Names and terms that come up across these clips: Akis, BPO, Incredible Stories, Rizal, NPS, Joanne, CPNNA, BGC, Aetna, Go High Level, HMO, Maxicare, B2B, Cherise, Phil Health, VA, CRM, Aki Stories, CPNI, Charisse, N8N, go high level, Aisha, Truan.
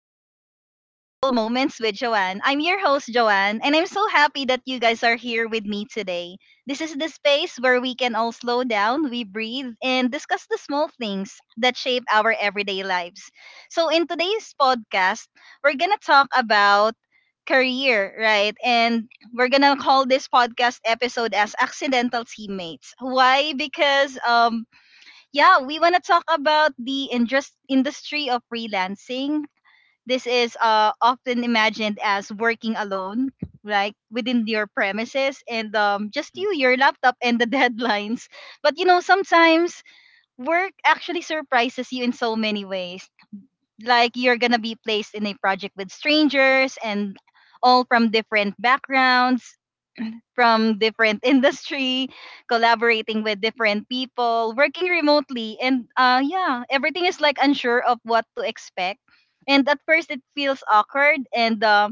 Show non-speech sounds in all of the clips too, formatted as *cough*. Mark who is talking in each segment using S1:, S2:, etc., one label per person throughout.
S1: and welcome to Mindful Moments with Joanne. I'm your host, Joanne, and I'm so happy that you guys are here with me today. This is the space where we can all slow down, we breathe, and discuss the small things that shape our everyday lives. So, in today's podcast, we're going to talk about career, right? And we're going to call this podcast episode as Accidental Teammates. Why? Because yeah, we want to talk about the industry of freelancing. This is often imagined as working alone, like within your premises, and just
S2: Mhm.
S1: you, your laptop, and the *laughs* deadlines. But you know, sometimes work actually surprises you in so many ways. Like you're gonna be placed in a project with strangers and all from different backgrounds, from different *laughs* industry, collaborating with different people, working remotely, and yeah, everything is like unsure of what to expect. And at first, it feels awkward, and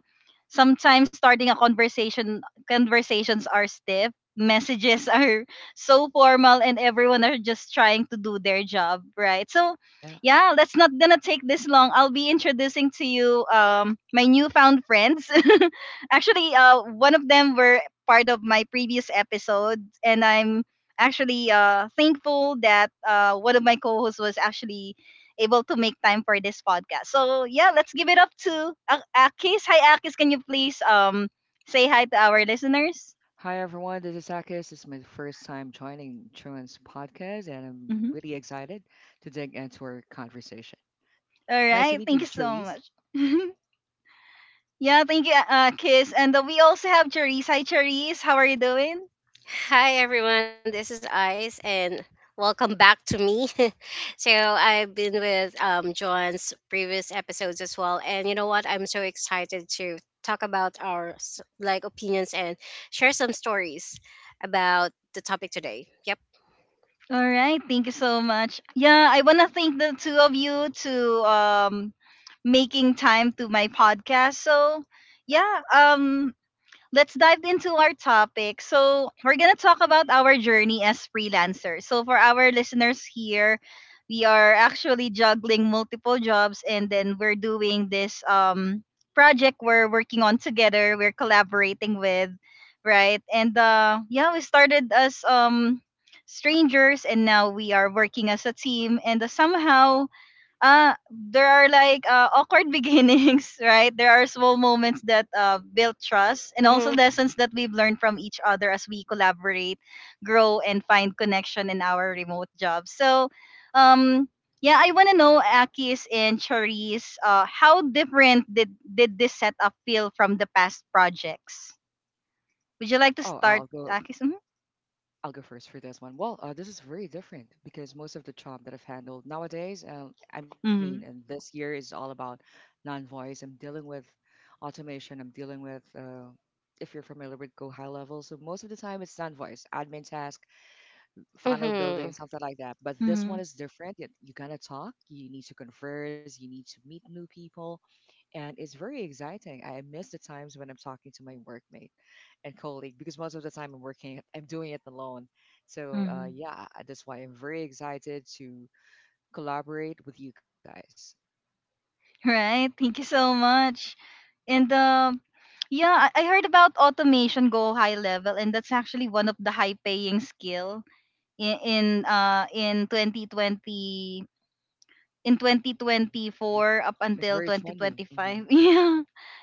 S1: sometimes starting a conversation, conversations are stiff. Messages *laughs* are so formal, and everyone are just trying to do their job, right? So,
S2: Yeah.
S1: yeah, that's not gonna take this long. I'll be introducing to you my newfound friends. *laughs* Actually, one of them were part of my previous episode, and I'm actually thankful that one of my co-hosts was actually able to make time for this podcast. So yeah, let's give it up to Akis. Hi, Akis. Can you please say hi to our listeners?
S2: Hi, everyone. This is Akis. This is my first time joining Truan's podcast, and I'm
S1: Mhm.
S2: really excited to dig into our conversation. Nice to
S1: All
S2: meet you,
S1: right. Thank you
S2: Charisse.
S1: so much. *laughs* Yeah, thank you, Kiss. And we also have Cherise. Hi, Cherise. How are you doing?
S3: Hi everyone, this is Ice and welcome back to me. *laughs* So I've been with John's previous episodes as well, and you know what? I'm so excited to talk about our like opinions and share some stories about the topic today. Yep.
S1: All right. Thank you so much. Yeah, I want to thank the two of you to um making time to my podcast. So, yeah, let's dive into our topic. So, we're going to talk about our journey as freelancers. So, for our listeners here, we are actually juggling multiple jobs, and then we're doing this project we're working on together, we're collaborating with, right? And yeah, we started as strangers, and now we are working as a team, and somehow there are like awkward *laughs* beginnings. Right, there are small moments that build trust, and also
S3: Mhm.
S2: Hmm.
S1: lessons that we've learned from each other as we collaborate, grow, and find connection in our remote jobs. So um yeah, I want to know, Akis and Charisse, how different did this setup feel from the past projects? Would you like to
S2: Oh, I'll
S1: start,
S2: go.
S1: Akis?
S2: I'll go first for this one. Well, this is very different because most of the job that I've handled nowadays, I
S1: Mm-hmm.
S2: mean, and this year is all about non-voice. I'm dealing with automation. I'm dealing with, if you're familiar with Go High Level, so most of the time it's non-voice admin task, funnel building,
S3: Mhm.
S2: something like that. But this
S1: Mm-hmm.
S2: one is different. You gotta talk, you need to converse, you need to meet new people, and it's very exciting. I miss the times when I'm talking to my workmate and colleague because most of the time I'm working, I'm doing it alone. So
S1: Mm-hmm.
S2: yeah, that's why I'm very excited to collaborate with you guys.
S1: Right. Thank you so much. And yeah, I heard about automation, go high level, and that's actually one of the high paying skill in 2020, in
S2: Mhm.
S1: 2024 up
S2: It's very
S1: until
S2: trendy. Hmm.
S1: 2025. *laughs* Yeah.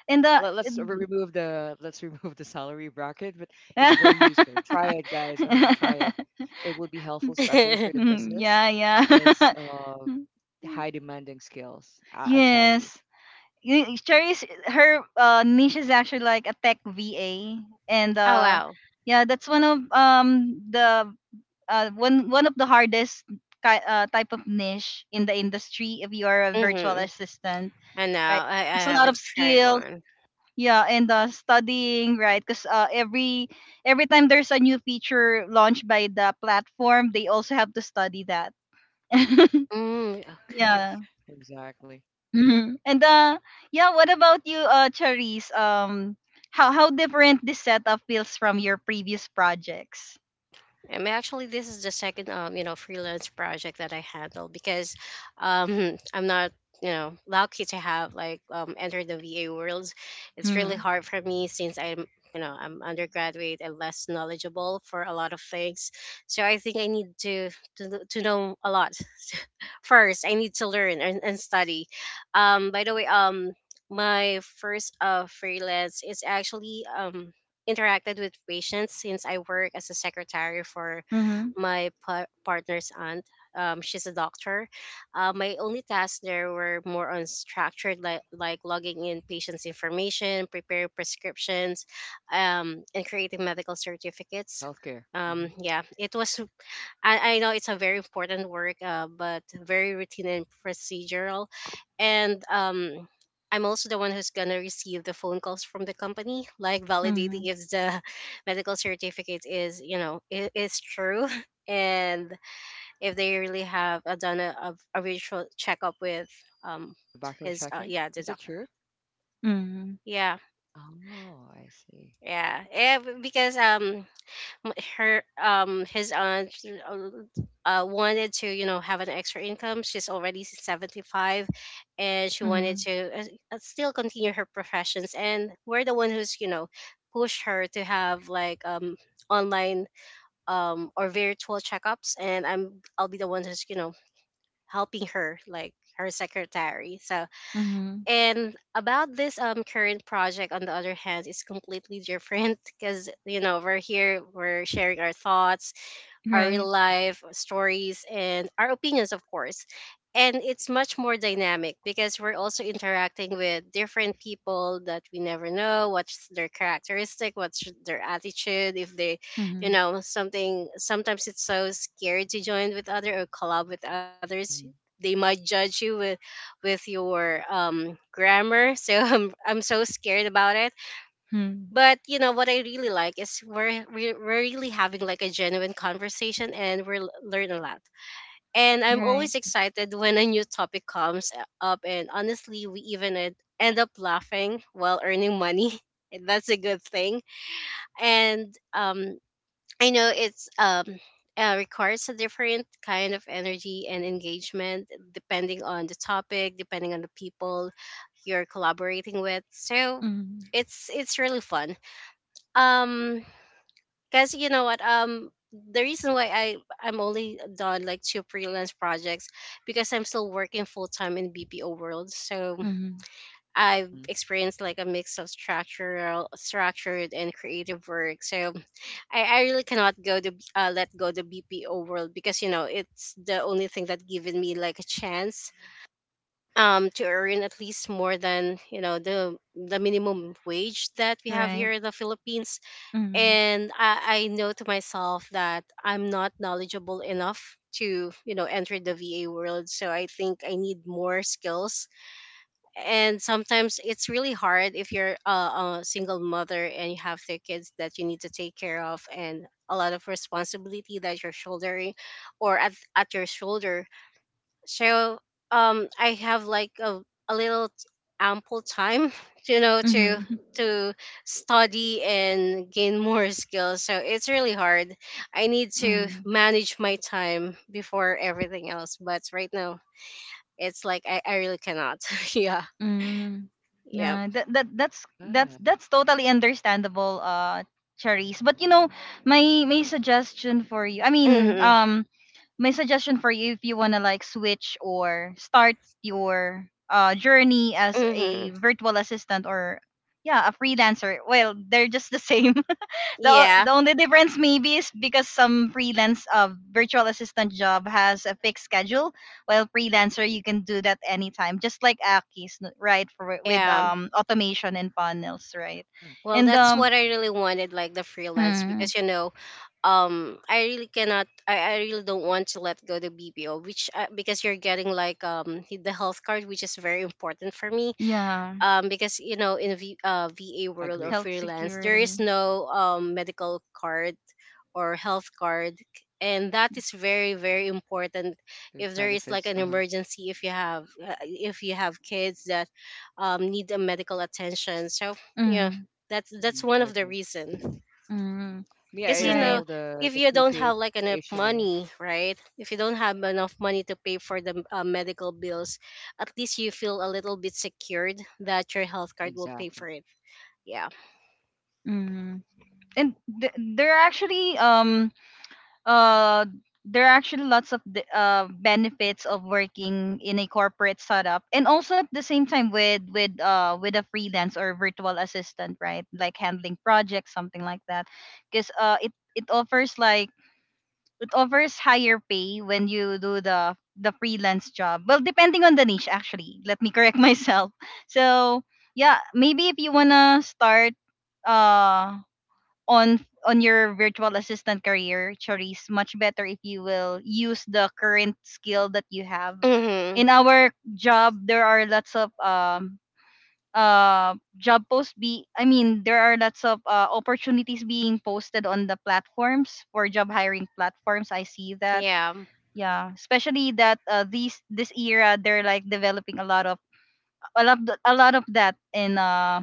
S1: And
S2: Let, let's re- remove the let's *laughs* remove the salary bracket, but it's very useful. Try it, guys. I mean, try it.
S1: *laughs*
S2: It will be helpful, especially for the
S3: *laughs*
S1: Mm,
S2: business.
S1: yeah,
S2: It's
S1: yeah.
S2: high demanding skills.
S1: *laughs*
S2: I tell you
S1: yes. Cherry's, her niche is actually like a tech VA, and
S3: oh wow.
S1: yeah, that's one of the one one of the hardest type of niche in the industry if you are a virtual
S3: Mhm.
S1: assistant,
S3: I know.
S1: right?
S3: I
S1: Takes a lot of
S3: haven't tried
S1: skills.
S3: one.
S1: Yeah, and studying, right? Because uh, every time there's a new feature launched by the platform, they also have to study that. *laughs*
S3: Mm, okay.
S1: yeah,
S2: exactly.
S1: hmm And yeah, what about you, Charisse? How different this setup feels from your previous projects?
S3: Actually, this is the second, freelance project that I handle because *laughs* I'm not, lucky to have like entered the VA world. It's really
S1: Mm-hmm.
S3: hard for me since I'm undergraduate and less knowledgeable for a lot of things. So I think I need to know a lot *laughs* first. I need to learn and study. By the way, my first freelance is actually interacted with patients since I work as a secretary for
S1: Mm-hmm.
S3: my partner's aunt. She's a doctor. My only tasks there were more unstructured, like logging in patients' information, preparing prescriptions, and creating medical
S2: Oh,
S3: certificates.
S2: healthcare. Hmm.
S3: Yeah, it was I know it's a very important work, but very routine and procedural. And I'm also the one who's gonna receive the phone calls from the company, like
S1: Mm-hmm.
S3: validating if the *laughs* medical certificate is, you know, I- is true, *laughs* and if they really have done a visual checkup with um
S2: Oh, the background
S3: his
S2: checking.
S3: yeah, the
S2: Is it
S3: doctor.
S2: true?
S1: Mm-hmm.
S3: Yeah,
S2: Oh, I see.
S3: yeah, yeah, because m- her his aunt uh, wanted to have an extra income. She's already 75 and she wanted
S1: Mm-hmm.
S3: to still continue her professions, and we're the one who's pushed her to have like online or virtual checkups. And I'll be the one who's helping her, like her secretary. So,
S1: Mm-hmm.
S3: and about this current project, on the other hand, is completely different. *laughs* Because you know we're here, we're sharing our thoughts, our
S1: Right.
S3: real life stories, and our opinions, of course. And it's much more dynamic because we're also interacting with different people that we never know what's their characteristic, what's their attitude, if they, you
S1: Mm-hmm.
S3: know, something. Sometimes it's so scary to join with other or collab with others.
S2: Hmm.
S3: They might judge you with your grammar. So *laughs* I'm so scared about it,
S1: Mm-hmm.
S3: but you know what I really like is we're really having like a genuine conversation, and we're learn a lot. And I'm
S1: Right.
S3: always excited when a new topic comes up, and honestly, we even end up laughing while earning money *laughs* and that's a good thing. And I know it's requires a different kind of energy and engagement depending on the topic, depending on the people you're collaborating with. So
S1: Mm-hmm.
S3: it's really fun. um because you know what, the reason why I'm only done like two freelance projects, because I'm still working full time in BPO world. So
S1: Mm-hmm.
S3: I've
S2: Hmm.
S3: experienced like a mix of structured, and creative work. So I really cannot go to let go the BPO world, because you know it's the only thing that given me like a chance to earn at least more than the minimum wage that we have
S1: Right.
S3: here in the Philippines.
S1: Mm-hmm.
S3: And I know to myself that I'm not knowledgeable enough to enter the VA world, so I think I need more skills. And sometimes it's really hard if you're a single mother and you have three kids that you need to take care of and a lot of responsibility that you're shouldering or at your shoulder. So I have like a little ample time *laughs* you know to
S1: Mm-hmm.
S3: to study and gain more skills, so it's really hard. I need to
S1: Mm-hmm.
S3: manage my time before everything else, but right now it's like I really cannot. *laughs* Yeah.
S1: Mm-hmm.
S3: Yeah.
S1: Yeah, that that that's
S2: Yeah.
S1: that's that's totally understandable, Charisse. But you know, my my suggestion for you, I mean,
S3: Hmm.
S1: um, my suggestion for you if you want to like switch or start your journey as
S3: Hmm.
S1: a virtual assistant, or yeah, a freelancer, well, they're just the same. *laughs*
S3: Yeah.
S1: The only difference maybe is because some freelance virtual assistant job has a fixed schedule, while freelancer you can do that anytime, just like Aki's right, for with
S3: Yeah.
S1: automation and funnels, right?
S2: Yeah.
S3: Well,
S1: And
S3: that's
S1: um
S3: what I
S2: Exactly.
S3: really wanted, like the freelance,
S1: mm,
S3: because I really don't want to let go the bpo, which because you're getting like the health card, which is very important for me.
S1: yeah,
S3: Because
S2: Yeah,
S3: in va
S2: I
S3: world or
S2: agree.
S1: health
S3: freelance, there is
S1: security.
S3: no medical card or health card, and that is very very important
S2: The
S3: if there is like
S2: benefits. Uh
S3: an
S2: huh.
S3: emergency, if you have kids that need a medical attention. So yeah,
S1: Mm,
S3: that's
S2: Hmm.
S3: that's
S2: I
S3: one of the
S2: agree.
S3: reasons.
S1: mm,
S2: Me, I
S3: Because
S2: avail
S1: right.
S2: the
S3: if
S2: the
S3: you don't
S2: prepaid
S3: have like enough
S2: HMO.
S3: money, right? If you don't have enough money to pay for the medical bills, at least you feel a little bit secured that your health card will pay
S2: Exactly.
S3: for it. Yeah.
S1: Mm. And th- there are actually um uh there are actually lots of the, benefits of working in a corporate setup, and also at the same time with with a freelance or virtual assistant, right? Like handling projects, something like that. Because it offers like, it offers higher pay when you do the freelance job. Well, depending on the niche actually. Let me correct *laughs* myself. So, yeah, maybe if you want to start uh on on your virtual assistant career, Charisse, much better if you will use the current skill that you have.
S3: Hmm.
S1: In our job, there are lots of job posts be I mean there are lots of opportunities being posted on the platforms, for job hiring platforms. I see that.
S3: Yeah.
S1: Yeah, especially that these this era they're like developing a lot of, a lot a lot of that in uh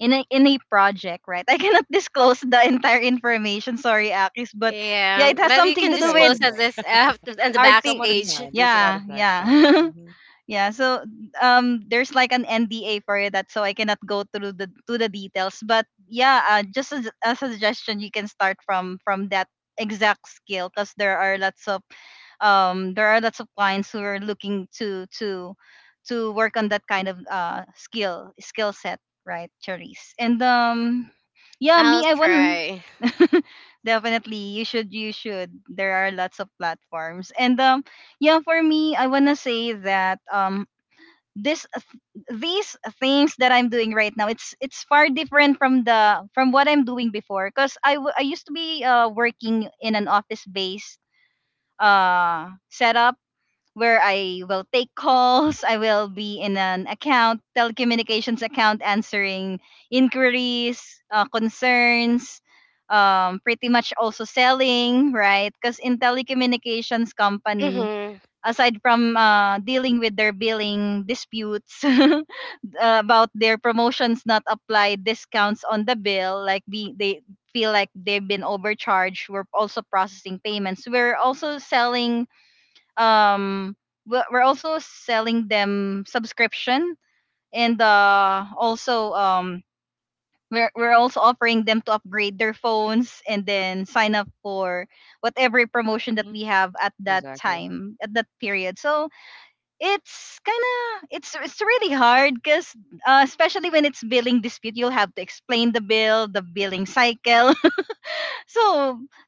S1: in a, in a project, right? *laughs* I cannot disclose the entire information. Sorry, Akis, but yeah,
S3: Yeah.
S1: it has
S3: But you
S2: It's
S1: something
S3: can
S1: to do
S2: okay, it's
S1: with
S3: disclose at
S2: okay.
S3: this after and *laughs* the
S2: Some
S1: arti.
S2: other
S3: backstage.
S2: time. There's a lot
S1: Yeah,
S2: of next
S1: yeah.
S2: time.
S1: *laughs*
S2: Mhm.
S1: Yeah, so there's like an NDA for that, so I cannot go through the to the details. But yeah, just as a suggestion, you can start from that exact skill because there are lots of there are lots of clients who are looking to work on that kind of skill set, right, Charisse? And yeah,
S3: I'll
S1: me, I won.
S3: try.
S1: *laughs* Definitely you should, you should. There are lots of platforms, and yeah, for me, I wanna say that this, these things that I'm doing right now, it's far different from the, from what I'm doing before, because I used to be working in an office based setup where I will take calls. I will be in an account, telecommunications account, answering inquiries, concerns, pretty much also selling, right? Because in telecommunications company,
S3: Mm-hmm.
S1: aside from dealing with their billing disputes *laughs* about their promotions not applied, discounts on the bill, like be, they feel like they've been overcharged. We're also processing payments. We're also selling um we're also selling them subscription, and also we're also offering them to upgrade their phones and then sign up for whatever promotion that
S2: Mhm.
S1: we have at that
S2: Exactly.
S1: time, at that period. So it's kind of, it's really hard because especially when it's billing dispute, you'll have to explain the bill, the billing cycle. So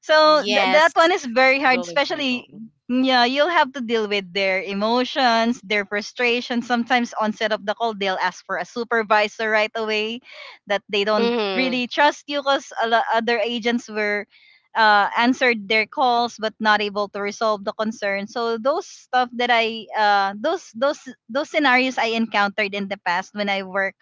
S1: so that
S3: Yes.
S1: one is very hard,
S2: Building
S1: especially,
S2: cycle. Mhm.
S1: yeah, you'll have to deal with their emotions, their frustration. Sometimes on set of the call they'll ask for a supervisor right away, that they don't
S3: Mm-hmm.
S1: really trust you because other agents were answered their calls but not able to resolve the concern. So those stuff that I those scenarios I encountered in the past when I work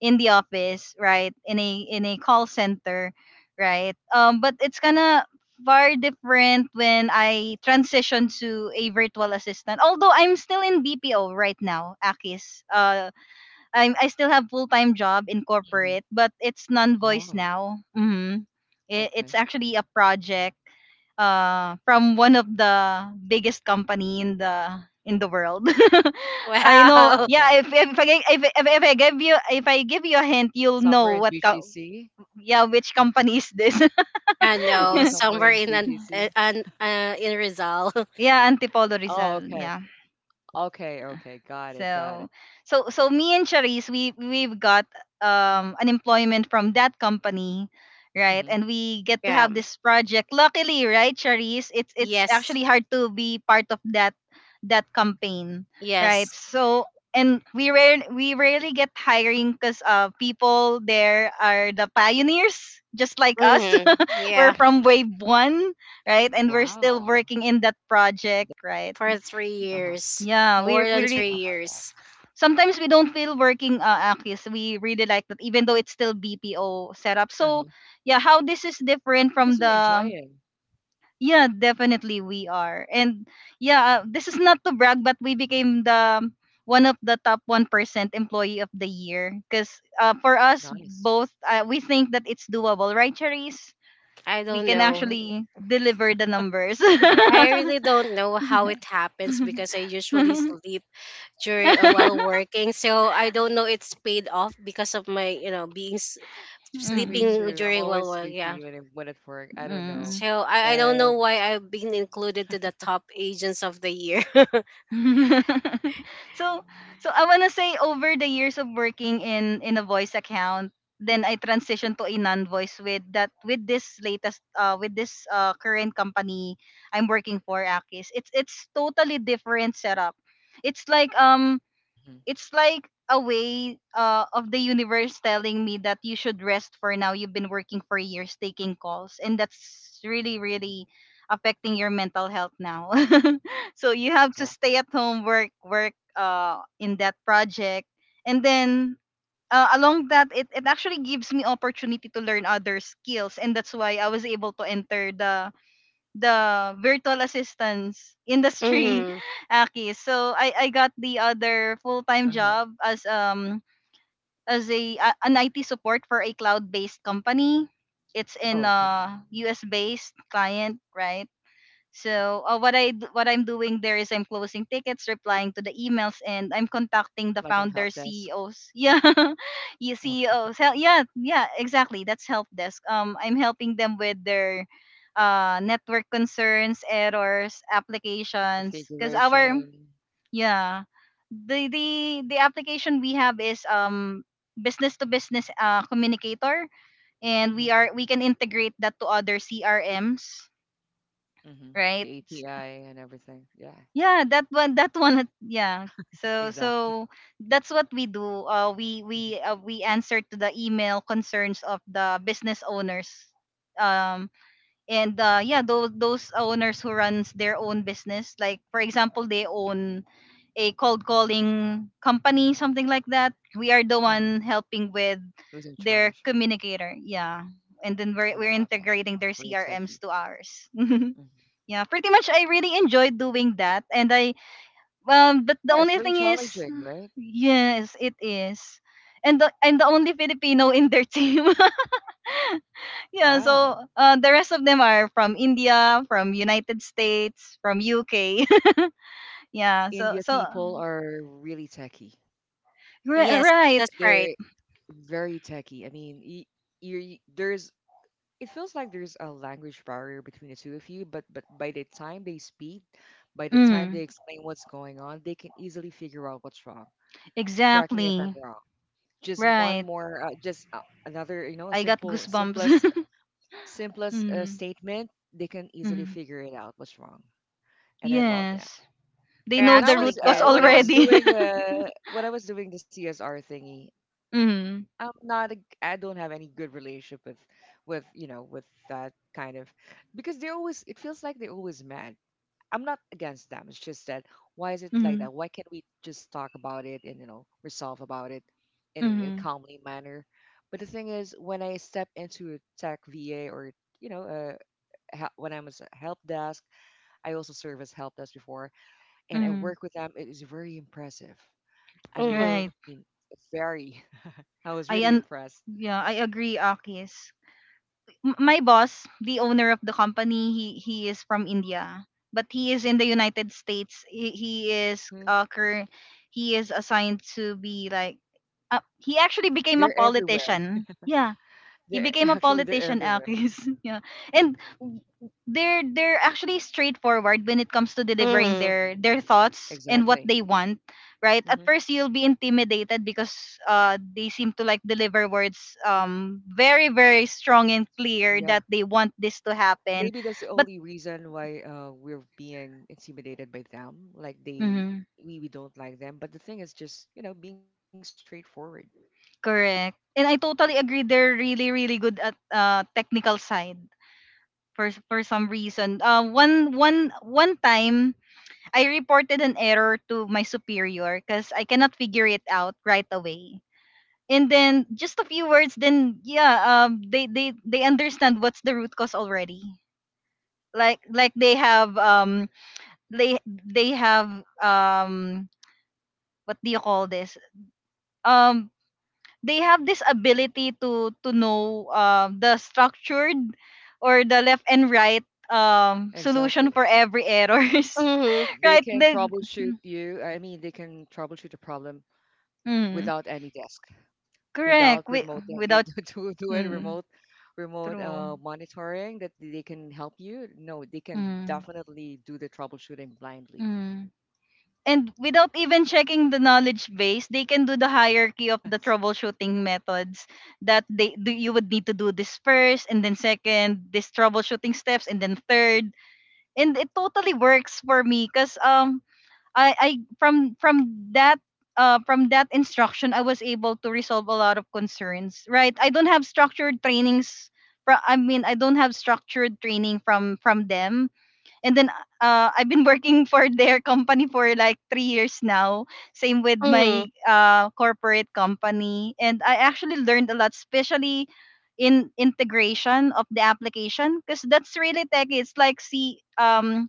S1: in the office, right? In a call center, right? But it's kind of far different when I transition to a virtual assistant. Although I'm still in BPO right now, Akis. I still have full time job in corporate,
S2: Mhm.
S1: but it's non voice
S2: Oh,
S1: now. Mm-hmm. It's
S2: okay.
S1: actually a project from one of the biggest company in the world. *laughs* I know.
S2: I
S3: Wow. *laughs*
S2: love
S1: Yeah,
S2: that.
S1: if I gi- if I give you if I give you a hint, you'll know
S2: Somewhere
S1: what
S2: in BGC?
S1: yeah, which company is this.
S3: I know.
S2: Is it
S1: *laughs*
S3: Somewhere
S2: somewhere in
S3: in
S2: BGC?
S3: Rizal. *laughs*
S1: yeah, Antipolo
S2: Oh,
S1: Rizal.
S2: okay.
S1: Yeah.
S2: Okay, okay. Got it,
S1: So,
S2: got it.
S1: so, so me and Charisse, we we've got an employment from that company, right?
S2: Hmm.
S1: And we get to
S3: Yeah.
S1: have this project. Luckily, right, Charisse, it's
S3: Yes.
S1: actually hard to be part of that campaign, right?
S3: Yes.
S1: So, and we rarely get hiring because people there are the pioneers, just like us.
S3: Hmm.
S1: *laughs* We're
S3: Yeah,
S1: from wave one, right? And we're still
S2: Wow.
S1: working in that project, right?
S3: for three
S2: Uh-huh.
S3: years,
S1: Yeah,
S3: more than three
S2: I love
S3: years.
S2: that.
S1: sometimes we don't feel working Akis. We really like that, even though it's still BPO setup. So
S2: Uh-huh.
S1: yeah, how this is different from
S2: Because you're
S1: the,
S2: enjoying.
S1: yeah, definitely we are. And yeah, this is not to brag, but we became the one of the top 1% employee of the year. Because for us
S2: Nice.
S1: both, we think that it's doable, right, Cherise?
S3: I
S1: We
S3: don't
S1: can
S3: know.
S1: actually deliver the numbers. *laughs*
S2: I
S3: I
S2: don't. *laughs*
S3: really don't know how it happens, because I
S1: *laughs*
S3: usually sleep during while working. So I don't know it's paid off because of my being
S1: Mm,
S2: Me
S3: sleeping
S2: too.
S3: during
S2: I'm
S3: while
S2: always
S3: work. Yeah.
S2: sleepy when at work. I don't
S1: mm.
S2: know.
S3: So I don't know
S2: And.
S3: why I've been included to the top agents of the year. *laughs*
S1: *laughs* So so I wanna say over the years of working in a voice account, then I transitioned to a non-voice with that, with this latest uh, with this current company I'm working for, Akis. It's totally different setup. It's like um
S2: Mhm.
S1: it's like a way of the universe telling me that you should rest for now. You've been working for years taking calls, and that's really,
S2: Mhm.
S1: really affecting your mental health now. *laughs* So you have to stay at
S2: Exactly.
S1: home, work in that project, and then. Along that, it actually gives me opportunity to learn other skills, and that's why I was able to enter the virtual assistance industry,
S3: Hmm.
S1: *laughs* Aki. So I got the other full time job
S2: Uh-huh.
S1: as as an IT support for a cloud based company. It's in
S2: Oh, okay.
S1: a US based client, right? So what I'm doing there is I'm closing tickets, replying to the emails, and I'm contacting the
S2: Like an
S1: founder
S2: help desk.
S1: CEOs. *laughs* Yeah, yeah, CEOs.
S2: Okay.
S1: Yeah, yeah, exactly. That's help desk. I'm helping them with their network concerns, errors,
S2: *laughs*
S1: applications. Cause our
S2: Configuration.
S1: yeah, the application we have is business to business communicator, and
S2: Mm-hmm.
S1: we can integrate that to other CRMs,
S2: Mm-hmm.
S1: right?
S2: The API and everything. Yeah.
S1: Yeah, yeah. So
S2: Exactly.
S1: that's what we do.
S2: Mm-hmm.
S1: We answer to the email concerns of the business owners. Um, and yeah, those owners who runs their own business, like for example, they own a cold calling company, something like that. We are the
S2: Mm-hmm.
S1: one helping with
S2: Who's in charge?
S1: their
S2: Mm-hmm.
S1: communicator. Yeah. And then
S2: I
S1: we're
S2: love that.
S1: integrating their
S2: Very techy.
S1: CRMs to ours.
S2: Mm-hmm.
S1: *laughs* Yeah. Pretty much I really enjoyed doing that. And I but the
S2: Yeah, it's
S1: only
S2: very
S1: thing is,
S2: challenging, right?
S1: yes, it is. And the, I'm the only Filipino in their team. *laughs* Yeah,
S2: Wow.
S1: so the rest of them are from India, from United States, from UK. *laughs* Yeah,
S2: India people are really techy.
S3: Yes,
S1: right.
S3: that's
S2: They're
S3: right.
S2: very techy. I mean, you, there's it feels like there's a language barrier between the two of you, but by the time they speak, by the time they
S1: Mm,
S2: explain what's going on, they can easily figure out what's wrong. Correct me if I'm
S1: exactly.
S2: wrong. Just one
S1: Right.
S2: more, just another,
S1: I got
S2: simplest,
S1: goosebumps. *laughs*
S2: simplest
S1: Mm,
S2: statement. They can easily
S1: mm,
S2: figure it out what's wrong, and I love that.
S1: yes. They
S3: They're
S1: know the
S3: actually
S1: root cause
S3: good.
S2: When I
S3: Yeah.
S2: was
S1: already.
S2: doing
S1: *laughs*
S2: when I was doing the CSR thingy.
S1: Mm,
S2: I'm not a, I don't have any good relationship with with that kind of because they always it feels like they're always mad. I'm not against them. It's just that why is it like
S1: mm,
S2: that? Why can't we just talk about it and resolve about it in a
S1: mm,
S2: calmly manner? But the thing is, when I step into a tech VA or you know uh, when I was a help desk, I also serve as help desk before, and I
S1: mm,
S2: work with them. It is very impressive. I mean,
S3: Mm-hmm.
S1: right.
S2: very. *laughs* I was really
S1: I un-
S2: impressed.
S1: yeah, I agree, Akis. My boss, the owner of the company, he is from India, but he is in the United States. He is he is assigned to be like he actually became a
S2: They're everywhere.
S1: politician. Yeah,
S2: *laughs*
S1: he
S2: They're
S1: became a
S2: actually they're
S1: politician,
S2: everywhere.
S1: Akis. *laughs* Yeah. And they're actually straightforward when it comes to delivering
S3: Mm-hmm.
S2: Yes,
S1: their thoughts and what they
S2: exactly.
S1: want, right? At
S2: Hmm.
S1: first you'll be intimidated because they seem to like deliver words very very strong and clear that
S2: Yeah,
S1: they want this to happen.
S2: maybe that's
S1: But
S2: the only reason why we're being intimidated by them. Like
S1: mhm,
S2: they we don't like them. But the thing is just being straightforward.
S1: correct. And I totally agree, they're really really good at technical side for some reason. One time I reported an error to my superior because I cannot figure it out right away. And then just a few words, then yeah, they understand what's the root cause already. Like they have um what do you call this, um they have this ability to know the structured or the left and right solution
S2: Exactly.
S1: for every errors.
S3: Mm-hmm.
S1: *laughs*
S2: They
S1: Right
S2: can
S1: then
S2: troubleshoot
S1: mm,
S2: you. I mean, they can troubleshoot a problem without
S1: mm,
S2: any desk. Without
S1: correct wi-
S2: remote
S1: without
S2: *laughs* to do it
S1: Mm,
S2: remote
S1: true.
S2: monitoring that they can help you. No, they can
S1: Mm,
S2: definitely do the troubleshooting blindly.
S1: mm. And without even checking the knowledge base, they can do the hierarchy of the
S2: Yes.
S1: troubleshooting methods that they do, you would need to do this first, and then second, this troubleshooting steps, and then third. And it totally works for me because I from that from that instruction I was able to resolve a lot of concerns. Right. I don't have structured trainings I mean I don't have structured training from them. And then I've been working *laughs* for their company for like 3 years now. Same with
S3: Mm-hmm.
S1: my corporate company, and I actually learned a lot, especially in integration of the application, because that's really techy. It's like C um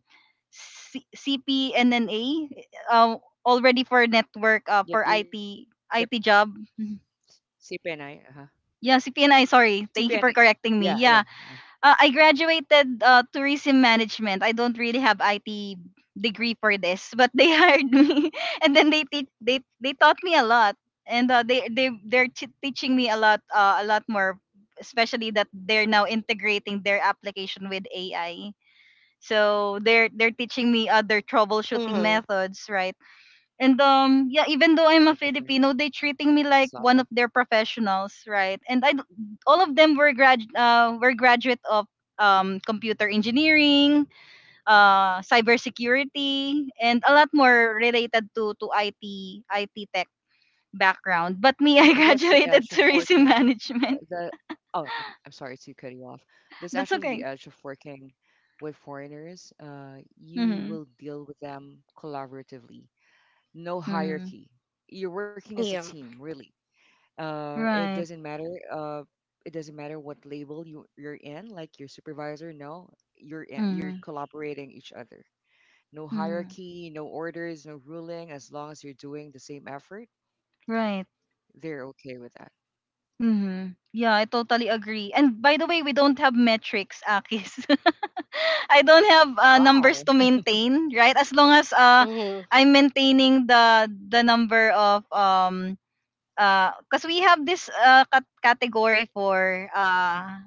S1: C- CPNNA, uh, already for
S2: Mhm.
S1: network, for
S2: Yep. Yep.
S1: IT job. Mhm.
S2: CPNI. Uh-huh.
S1: Yeah, CPNI.
S2: Oh,
S1: Sorry, thank
S2: CPNI.
S1: you for correcting
S2: Yeah.
S1: me.
S2: Yeah.
S1: Yeah,
S2: *laughs*
S1: I graduated tourism management. I don't really have IT degree for this, but they *laughs* hired me, and then they te- they taught me a lot, and teaching me a lot more, especially that they're now integrating their application with AI. So they're teaching me other troubleshooting
S3: Mm-hmm.
S1: methods, right? And yeah, even though
S2: The
S1: I'm a
S2: different thing.
S1: Filipino, they
S2: Next
S1: treating me
S2: level.
S1: like one of their professionals, right? All of them were graduate of computer engineering,
S2: Mm-hmm.
S1: cybersecurity, and a lot more related to IT tech background.
S2: And
S1: But me,
S2: also,
S1: *laughs* I
S2: that's the edge of
S1: graduated
S2: working.
S1: tourism management.
S2: The Oh, I'm sorry to cut you off. That's actually
S1: That's
S2: the
S1: okay.
S2: edge of working with foreigners. You
S1: Mhm.
S2: will deal with them collaboratively. No
S1: Mhm.
S2: hierarchy. You're working as a
S3: Yeah.
S2: team, really. It
S1: Right.
S2: doesn't matter. It doesn't matter what label you're in, like your supervisor. No, you're
S1: Mhm.
S2: collaborating each other. No
S1: Mhm.
S2: hierarchy, no orders, no ruling. As long as you're doing the same effort,
S1: Right.
S2: they're okay with that.
S1: Mm-hmm. Yeah, I totally agree. And by the way, we don't have metrics, Akis. *laughs* I don't have
S2: Wow.
S1: numbers to maintain, right? As long as
S3: Mhm.
S1: I'm maintaining the number of cause we have this category for uh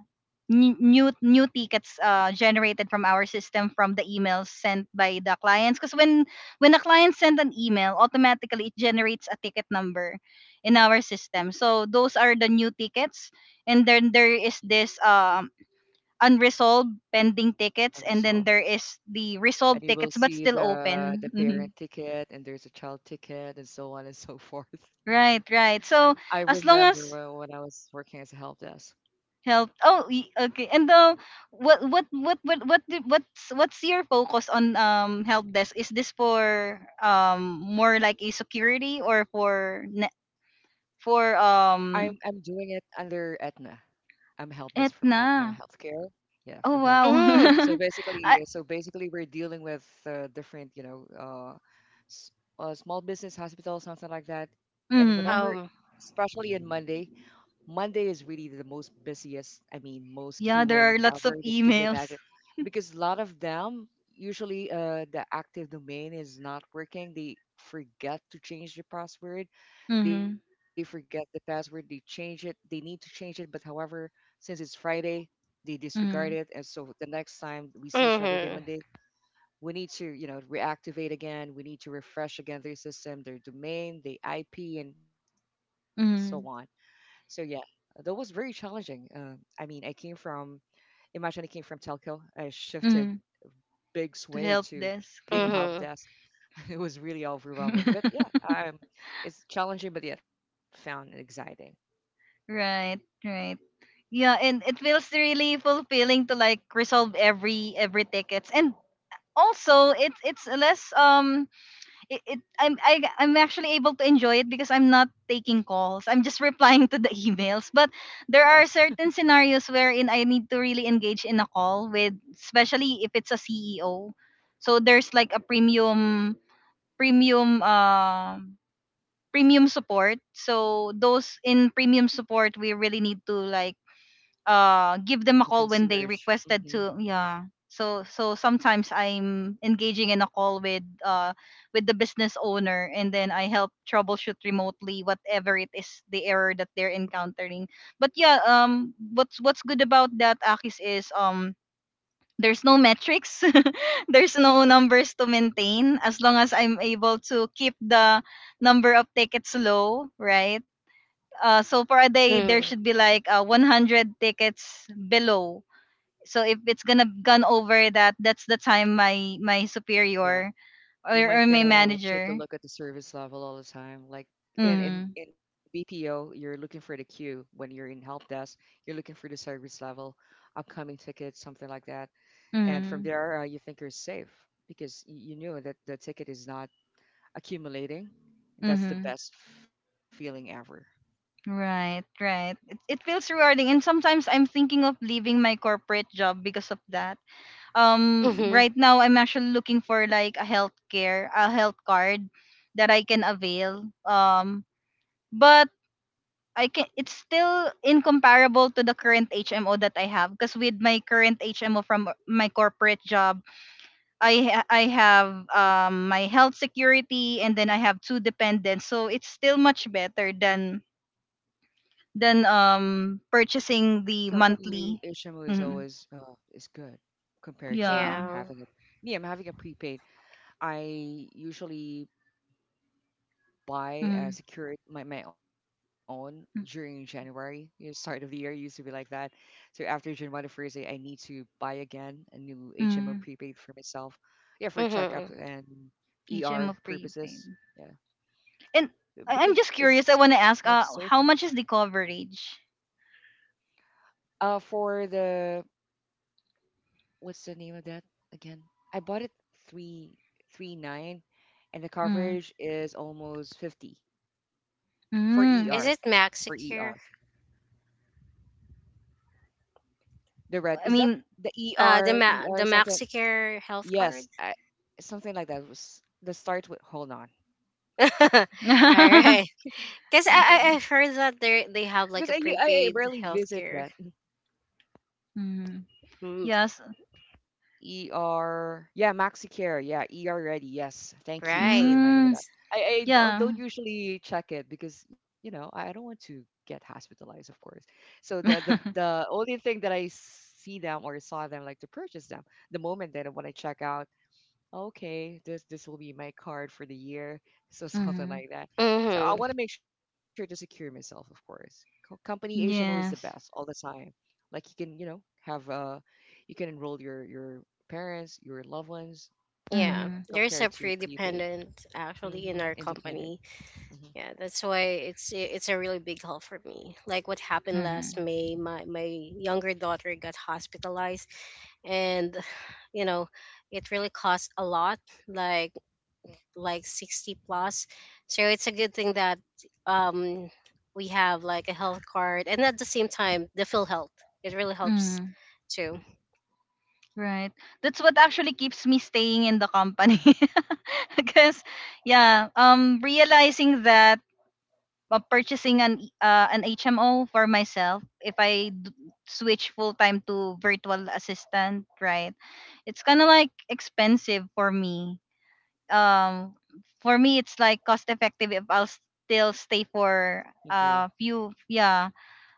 S1: n- new tickets generated from our system from the emails sent by the clients. Cause when the client send an email, automatically it generates a ticket number in our system. So those are the new tickets, and then there
S2: Mhm.
S1: is this unresolved pending tickets, and then
S2: Unresolved.
S1: there is the
S2: And
S1: resolved
S2: you will
S1: tickets but
S2: see
S1: still
S2: the
S1: open.
S2: the
S1: Hmm.
S2: parent ticket, and there's a child ticket, and so on and so *laughs* forth.
S1: Right,
S2: I
S1: so as
S2: remember
S1: long
S2: when,
S1: as
S2: when I was working as a help desk.
S1: help, okay. And what's your focus on help desk? Is this for more like a security or for for
S2: I'm
S1: um
S2: doing it under Aetna. I'm help desk from
S1: etna?
S2: Aetna Healthcare. Yeah, from
S1: Oh
S2: healthcare.
S3: Mm.
S2: So
S1: wow.
S2: basically,
S1: *laughs*
S2: uh,
S1: I,
S2: so basically, we're dealing with different, s- small business hospitals, something like that. And whenever,
S1: mm,
S3: Um.
S2: especially in Monday. Monday is really the most busiest, I mean, most
S1: yeah, there
S2: queuing
S1: are lots
S2: ever
S1: of
S2: that you can
S1: emails.
S2: imagine. Because a lot of them, usually the active domain is not working. They forget to change the password. They
S1: Mm-hmm,
S2: forget the password. They change it. They need to change it. But however, since it's Friday, they disregard it. And
S1: mm-hmm,
S2: so the next time we see each other by Monday,
S3: Mhm.
S2: we need to, you know, reactivate again. We need to refresh again their system, their domain, the IP, and so on. So
S1: mm-hmm,
S2: yeah, that was very challenging. I mean, I came from imagine I came from telco. I shifted
S1: mm-hmm.
S2: big
S1: To
S2: sway
S1: help
S2: to
S1: desk.
S2: being help
S3: Mhm.
S2: desk. *laughs* It was really overwhelming, but
S1: *laughs*
S2: yeah, it's challenging, but yet found exciting.
S1: Right, right. Yeah, and it feels really fulfilling to like resolve every tickets. And also it's less I'm actually able to enjoy it because I'm not taking calls. I'm just *laughs* replying to the *laughs* emails. But there are
S2: Yes, *laughs*
S1: certain scenarios wherein I need to really engage in a call with, especially if it's a CEO. So there's like a premium um premium support. So those in premium support, we really need to like give them
S2: like
S1: a
S2: a
S1: call when they
S2: concierge.
S1: requested
S2: Hmm.
S1: to. Yeah. So sometimes I'm engaging in a call with the business owner, and then I help troubleshoot remotely whatever it is the error that they're encountering. But yeah, what's good about that, Akis, is there's no metrics. *laughs* There's no numbers to maintain as long as I'm
S2: Yeah,
S1: able to keep the number of tickets low, right? So for a day there
S3: Mm.
S1: should be like 100 tickets below. So if it's gonna gone over that, that's the time my
S2: yeah.
S1: superior, or,
S2: You
S1: or
S2: might
S1: my
S2: gonna take
S1: manager.
S2: a look at the service level all the time. Like in, in
S1: Mm-hmm,
S2: in BPO, you're looking for the queue. When you're in help desk, you're looking for the service level, upcoming tickets, something like that. And from
S1: mm-hmm,
S2: there you think you're safe because you knew that the ticket is not accumulating. That's
S1: mm-hmm.
S2: the best feeling ever.
S1: Right, it it feels rewarding, and sometimes I'm thinking of leaving my corporate job because of that.
S3: Mhm.
S1: Right now I'm actually looking for like a healthcare, a health card that I can avail, but I can, it's still incomparable to the current HMO that I have, because with my current HMO from my corporate job I I have my health security, and then I have two dependents, so it's still much better than
S2: Yeah,
S1: purchasing the
S2: company
S1: monthly,
S2: HMO is
S1: mhm,
S2: always is good compared to
S1: yeah
S3: Yeah.
S2: having a. Me, I'm having a prepaid. I usually buy
S1: mm,
S2: secured my own during
S1: mm,
S2: January. You know, start of the year used to be like that. So after January 1st, I need to buy again a new HMO
S1: mm,
S2: prepaid for myself. Yeah, for checkup
S3: Mhm.
S2: and ER
S1: HMO
S2: purposes.
S1: prepaid.
S2: Yeah,
S1: And I'm
S2: because
S1: just
S2: it's
S1: curious. I
S2: it's
S1: want to
S2: much
S1: ask,
S2: safer.
S1: how much is the coverage?
S2: For the What's the name of that again? I bought it 339, and the
S1: Mm.
S2: coverage is almost 50 for ER
S1: Mm.
S3: Is it
S2: for ER.
S3: Maxicare?
S2: The red
S1: I
S2: is that
S1: mean,
S2: the E
S3: The
S2: R E R something,
S3: Maxicare health card.
S2: yes, something like that was the start with, hold on.
S3: *laughs* All
S1: *laughs*
S3: right. Cause I
S2: Because i
S1: okay.
S3: I
S2: u-
S3: I've
S2: i
S3: heard that
S2: rarely
S3: they
S2: visit
S3: have
S2: that.
S3: like a prepaid healthcare.
S1: Mm.
S3: Mm,
S1: Yes.
S2: Mhm. Yeah, Maxicare. Yeah, ER Ready. Yes, thank you for reminding me
S3: right.
S2: that.
S1: Mm.
S2: I don't
S1: Yeah.
S2: usually check it because I don't want to get hospitalized, of course. So the
S1: *laughs*
S2: only thing that I see them or saw them like to purchase them the moment that when I check out, okay, this will be my card for the year, so *laughs* something
S1: Mm.
S2: like that. So I
S3: Mhm.
S2: want to make sure to secure myself, of course. Company HMO is the best all the
S1: Yes.
S2: time. Like you can, have, you can enroll your parents, your loved ones, you know,
S3: Yeah.
S1: Mm.
S3: There's
S2: compared
S3: a
S2: to prepaid.
S3: pre-dependent actually in
S2: Mm-hmm.
S3: our
S2: Independent.
S3: company.
S2: Mm-hmm.
S3: Yeah, that's why it's a really big help for me. Like what happened
S1: Mm.
S3: last May, my younger daughter got hospitalized, and *sighs* you know, it really cost a lot, like like 60 plus. So it's a good thing that um we have like a health card, and at the same time, the Phil Health. It really helps
S1: Mm.
S3: too.
S1: Right. That's what actually keeps me staying in the company. *laughs* Because, yeah, realizing that, but purchasing an HMO for myself if I switch full time to virtual assistant, right? It's kind of like expensive for me. Um, for me, it's like cost effective if I'll still stay
S2: Hmm.
S1: for
S2: Agree.
S1: a few, yeah,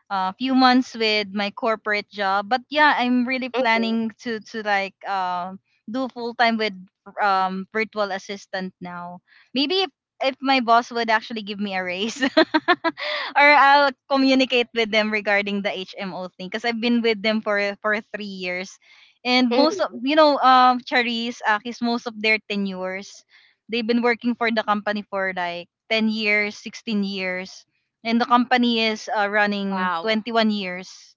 S1: a few months with my corporate job. But yeah, I'm really
S3: Mhm.
S1: planning to like do full time with virtual assistant now. Maybe if my boss would actually give me a raise *laughs* or I'll communicate with them regarding the HMO thing, because I've been with them for 3 years. And most of,
S3: Mhm.
S1: you know, Charis, Akis, most of their tenures, they've been working for the company for like 10 years, 16 years, and the company is running
S3: Wow,
S1: 21 years,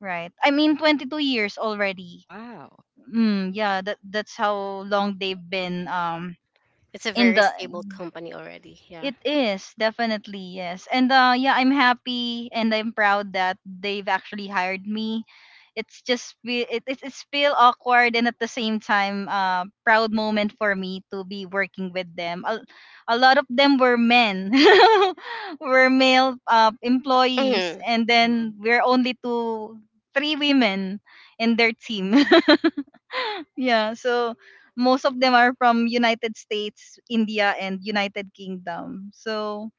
S1: right? I mean, 22 years already.
S2: Wow.
S1: Mm, yeah, that that's how long they've been
S3: it's a
S1: in
S3: very
S1: the,
S3: stable company already. Yeah.
S1: it is definitely, yes, and yeah, I'm happy and I'm proud that they've actually hired me. It's just it's feel awkward and at the same time, proud moment for me to be working with them. A lot of them were men, *laughs* were male employees,
S3: Hmm.
S1: and then
S2: Mm-hmm.
S1: we're only two, three women in their team. *laughs* Yeah, so most of them are from United States, India, and United Kingdom. So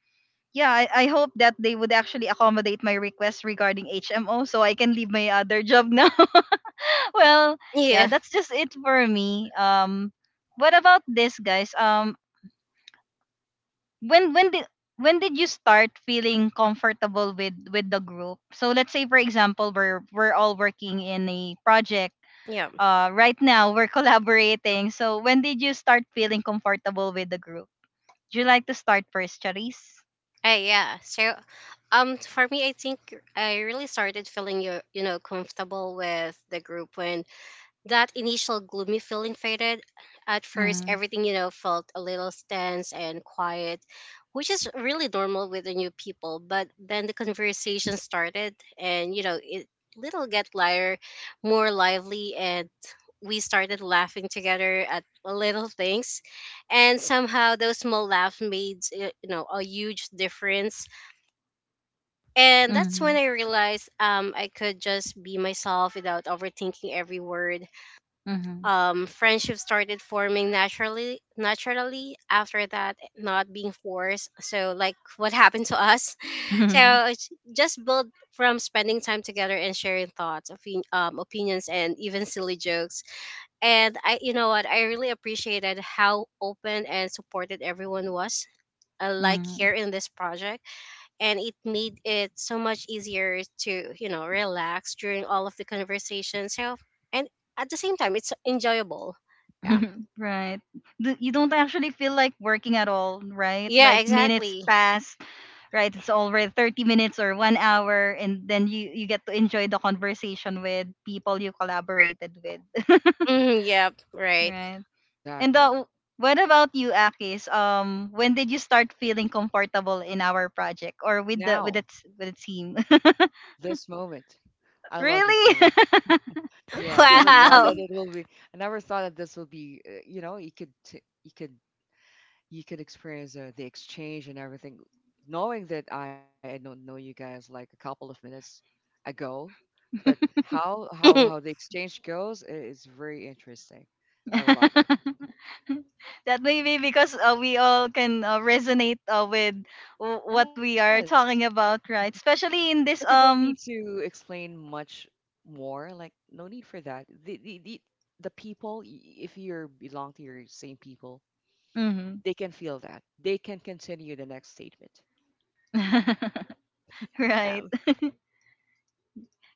S1: yeah, I hope that they would actually accommodate my request regarding HMO so I can leave my other job now. *laughs* Well, yeah,
S3: Yeah.
S1: that's just it for me. What about this guys? When when did when did you start feeling comfortable with the group? So let's say for example we're all working in a project.
S3: Yeah.
S1: Right now we're *laughs* collaborating. So when did you start feeling comfortable with the group? Would you like to start first, Charisse?
S3: Yeah. So, for me, I think I really started feeling comfortable with the group when that initial gloomy feeling faded. At first,
S1: Mm-hmm.
S3: everything, felt a little tense and quiet, which is really normal with the new people. But then the conversation started, and, it little get lighter, more lively, and we started laughing together at little things. And somehow those small laughs made, a huge difference. And that's
S1: Mm-hmm.
S3: when I realized I could just be myself without overthinking every word. Friendships started forming naturally after that, not being forced, so like what happened to us. *laughs*
S1: Mm-hmm.
S3: So
S1: *laughs*
S3: it's just built from spending time together and sharing thoughts, opinions and even silly jokes. And I, you know what, I really appreciated how open and supported everyone was, like
S1: Mm.
S3: here in this project, and it made it so much easier to relax during all of the conversations. So, and at the same time, it's enjoyable. Yeah.
S1: *laughs* Right. You don't actually feel like working at all, right?
S3: Yeah,
S1: Like minutes
S3: exactly.
S1: pass, right? It's already 30 minutes or 1 hour, and then you get to enjoy the conversation with people you collaborated with,
S3: Mm, yep,
S1: *laughs*
S3: right.
S1: right? And
S2: Exactly.
S1: what about you, Akis? When did you start feeling comfortable in our project or with
S2: Now,
S1: the with its with the team?
S2: this moment, I
S1: *laughs*
S2: love this moment.
S1: Really?
S2: Yeah,
S3: *laughs*
S2: I never thought
S3: Wow.
S2: that it will be. I never thought that this will be. You know, you could t- you could experience the exchange and everything, knowing that I don't know you guys like a couple of minutes ago, but how the
S3: *laughs*
S2: exchange goes is very interesting.
S1: *laughs* *laughs*
S2: I love it.
S1: *laughs* That may be because we all can resonate with what we
S2: Yes,
S1: are talking about, right? Especially in
S2: like I
S1: this
S2: don't need
S1: um.
S2: to explain much more. Like, no need for that. The people, if you are belong to your same people,
S1: Mhm.
S2: they can feel that. They can continue the next statement.
S3: Yeah.
S1: *laughs* Right.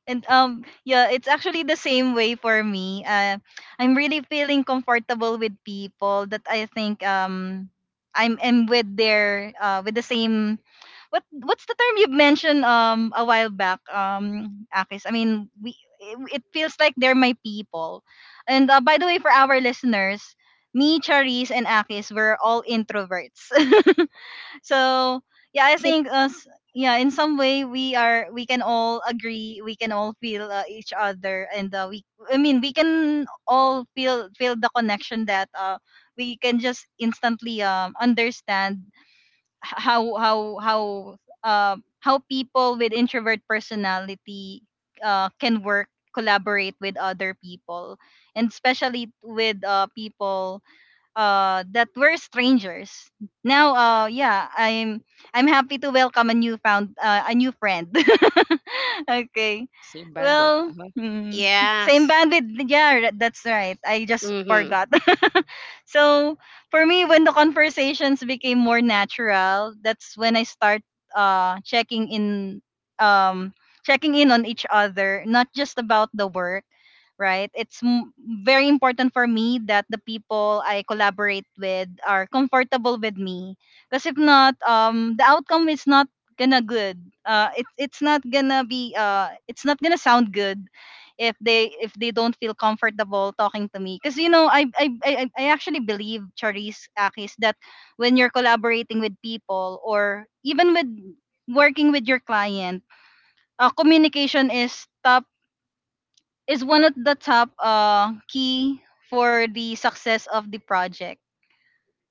S1: And yeah, it's actually the same way for me. I'm really feeling comfortable with people that I think I'm am with their with the same what what's the term you mentioned a while back Akis? I mean we it it feels like they're my people. And by the way for our listeners, me, Charisse, and Akis were all introverts. *laughs* So yeah i think
S3: *laughs*
S1: uh, s- Yeah, in some way we are we can all agree we can all feel each other and we I mean we can all feel the connection that we can just instantly understand how how people with introvert personality can work collaborate with other people and especially with people that we're strangers now yeah I'm happy to welcome a new found a new friend. *laughs* Okay,
S2: Same bandwidth.
S1: well,
S2: Uh-huh.
S1: hmm, same
S3: Yes.
S1: bandwidth, yeah, that's right, I just
S3: Mm-hmm.
S1: forgot. *laughs* So for me when the conversations became more natural, that's when I start checking in, um checking in on each other, not just about the work, right? It's very important for me that the people I collaborate with are comfortable with me. Because if not, the outcome is not gonna good. It's not gonna be it's not gonna sound good if they don't feel comfortable talking to me. Because you know, I actually believe Charisse Akis that when you're collaborating with people or even with working with your client, communication is top is one of the top key for the success of the project.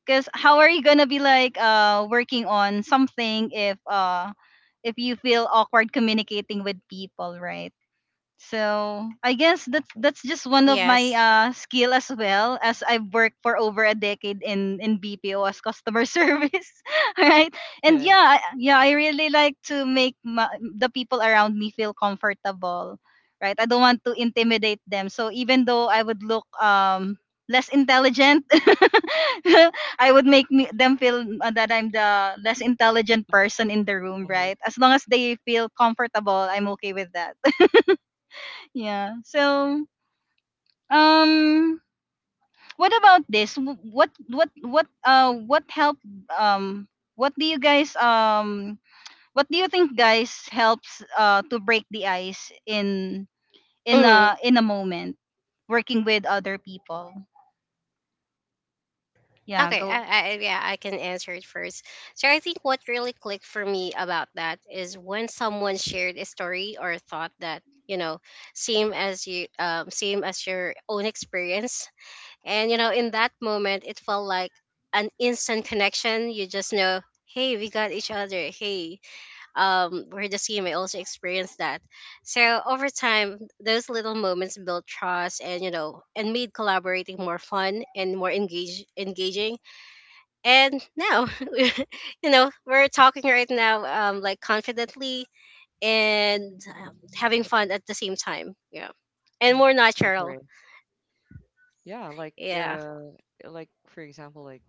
S1: Because how are you gonna be like working on something if if you feel awkward communicating with people, right? So I guess that's
S2: Exactly. *laughs*
S1: that's just one of my
S3: Yes.
S1: skill as well as I've worked for over a decade in BPO as customer *laughs* service, right? And
S2: Yeah.
S1: yeah, yeah, I really like to make my, the people around me feel comfortable, right? I don't want to intimidate them. So even though I would look less intelligent, *laughs* I would make them feel that I'm the less intelligent person in the room,
S2: Uh-huh.
S1: right? As long as they feel comfortable, I'm okay with that. Yeah. So, um, what about this? What help um what do you guys what do you think guys helps to break the ice in in
S3: Mm-hmm.
S1: a in a moment working with other people? Yeah,
S3: Okay,
S1: go.
S3: yeah, I can answer it first. So I think what really clicked for me about that is when someone shared a story or thought that, you know same as your own experience. And in that moment, it felt like an instant connection. You just know, hey, we got each other. Hey, we're the same. I also experienced that. So over time, those little moments built trust, and made collaborating more fun and more engage engaging. And now, *laughs* we're talking right now, like confidently and having fun at the same time. Yeah, and
S2: Mm-hmm.
S3: more
S2: I
S3: natural.
S2: agree. Yeah, like
S3: Yeah,
S2: like, for example, like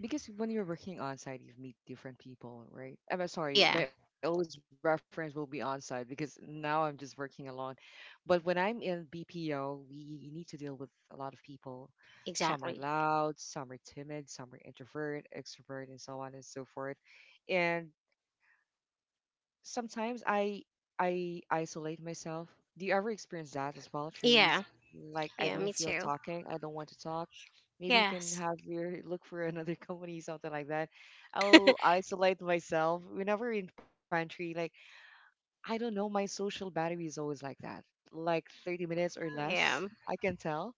S2: because when you're working on site you meet different people, right? I'm sorry,
S3: yeah,
S2: my always reference will be on site because now I'm just working alone. But when I'm in BPO, we need to deal with a lot of people. Some are
S3: exactly.
S2: loud, some are timid, some are introvert, extrovert, and so on and so forth. And sometimes I isolate myself. Do you ever experience that as well,
S3: Yeah.
S2: Cherise? Like I
S3: Yeah, me
S2: don't feel
S3: too.
S2: talking, I don't want to talk. Maybe you can
S3: Yes.
S2: have your *laughs* look for another *laughs* company, something like that. I will isolate myself whenever in pantry. Like I don't know, my social battery is always like that, like 30 minutes or
S3: Yeah.
S2: less. I can tell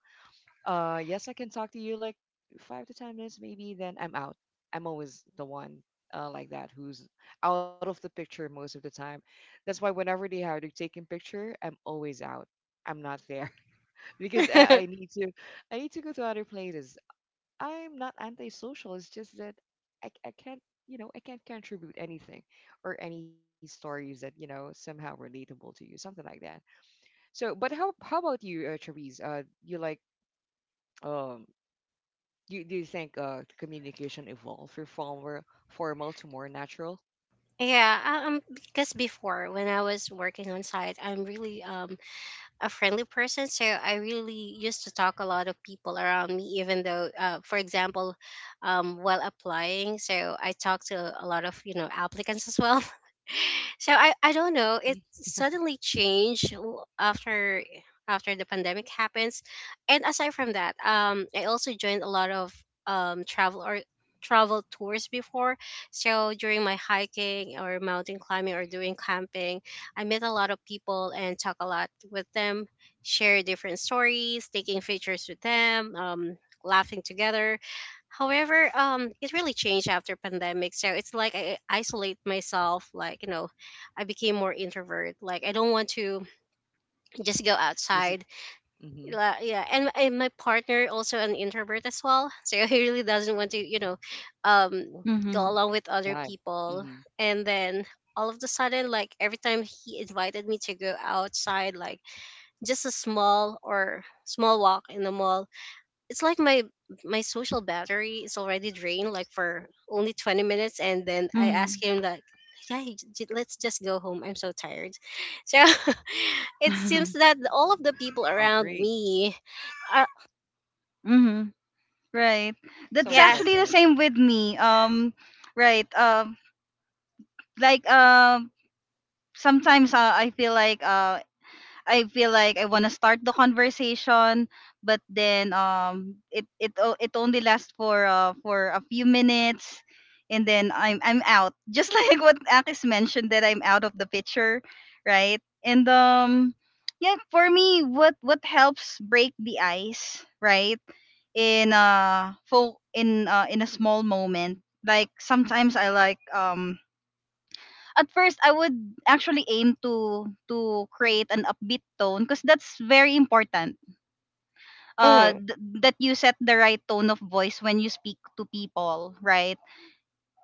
S2: yes, I can talk to you like 5 to 10 minutes maybe. Then I'm out. I'm always the one like that who's out of the picture most of the time. That's why whenever they are taking picture, I'm always out. I'm not there *laughs* because I
S3: *laughs*
S2: need to. I need to go to other places. I'm not antisocial. It's just that I can't. I can't contribute anything or any stories that somehow relatable to you, something like that. So, but how about you, Therese? You like um do you think communication evolved from formal to more natural?
S3: Yeah. Because before when I was working on site, I'm really a friendly person, so I really used to talk a lot of people around me, even though for example, while applying, so I talked to a lot of applicants as well. *laughs* So I don't know it
S2: Mm-hmm.
S3: suddenly changed after the pandemic happens. And aside from that, I also joined a lot of um travel or travel tours before. So during my hiking or mountain climbing or doing camping, I met a lot of people and talk a lot with them, share different stories, taking pictures with them, laughing together. However, it really changed after pandemic. So it's like I isolate myself. Like I became more introvert. Like I don't want to just go
S2: This is
S3: outside.
S2: mm-hmm.
S3: Yeah, and my partner also an introvert as well *laughs* so he really doesn't want to, um go
S1: Mhm.
S3: along with
S2: Same
S3: other
S2: vibe.
S3: people.
S2: Mm-hmm.
S3: And then all of the sudden, like every time he invited me to go outside, like just a small or small walk in the mall, it's like my social battery is already drained, like for only 20 minutes, and then I ask
S1: Mhm.
S3: him like, yeah, let's just go home, I'm so tired. So *laughs* it seems
S1: *laughs*
S3: that all of the people
S2: I
S3: around
S2: agree.
S3: me are.
S1: Mhm. Right.
S2: So
S1: That's
S2: it's
S3: Yeah.
S2: always
S1: actually
S2: like
S1: the
S2: that.
S1: same with me. Right. Like sometimes I feel like I feel like I want to start the conversation, but then it only lasts for a few minutes, and then I'm out. Just *laughs* like what Akis mentioned that I'm out of the picture, right? And yeah, for me, what helps break the ice, right? In in a small moment, like sometimes I like at first I would actually aim to create an upbeat tone because that's very important. Uh,
S3: Mhm.
S1: th- that you set the right tone of voice when you speak to people, right?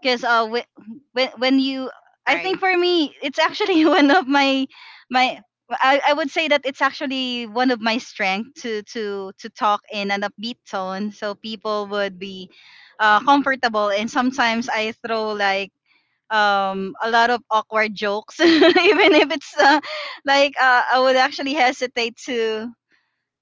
S1: Because when you,
S3: Right.
S1: I think for me, it's actually *laughs* one of my my. I would say that it's actually one of my strength to to talk in an upbeat tone, so people would be comfortable. And sometimes I throw like a lot of awkward jokes *laughs* even if it's like I would actually hesitate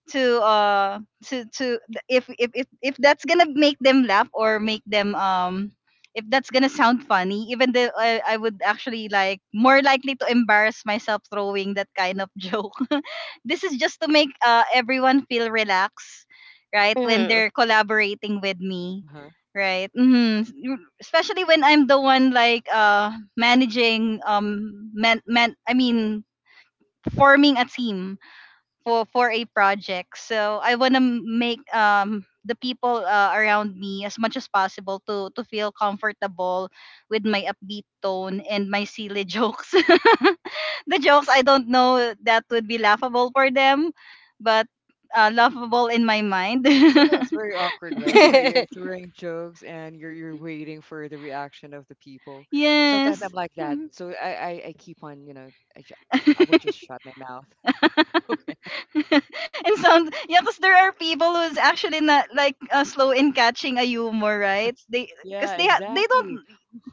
S1: to to if that's gonna make them laugh or make them if that's gonna sound funny even though I would actually like more likely to embarrass myself throwing that kind of joke. *laughs* This is just to make everyone feel relaxed, right, when
S3: Hmm.
S1: they're collaborating with me,
S2: Uh huh.
S1: right. Hmm, especially when I'm the one like managing man, man I mean forming a team for a project. So I want to make the people around me as much as possible to feel comfortable with my upbeat tone and my silly jokes. *laughs* The jokes I don't know that would be laughable for them, but laughable in my mind.
S2: Sometimes it's very awkward, right? Where you're
S3: *laughs*
S2: throwing jokes and you're waiting for the reaction of the
S1: *laughs*
S2: people.
S1: Yes.
S2: Sometimes I'm like that, so I keep on, I will just
S1: *laughs*
S2: shut my mouth. *laughs* Okay.
S1: *laughs* And sound, yeah, because there are people who's actually not like slow in catching a humor, right,
S2: Yes.
S1: they
S2: Yeah.
S1: because they
S2: Exactly.
S1: don't.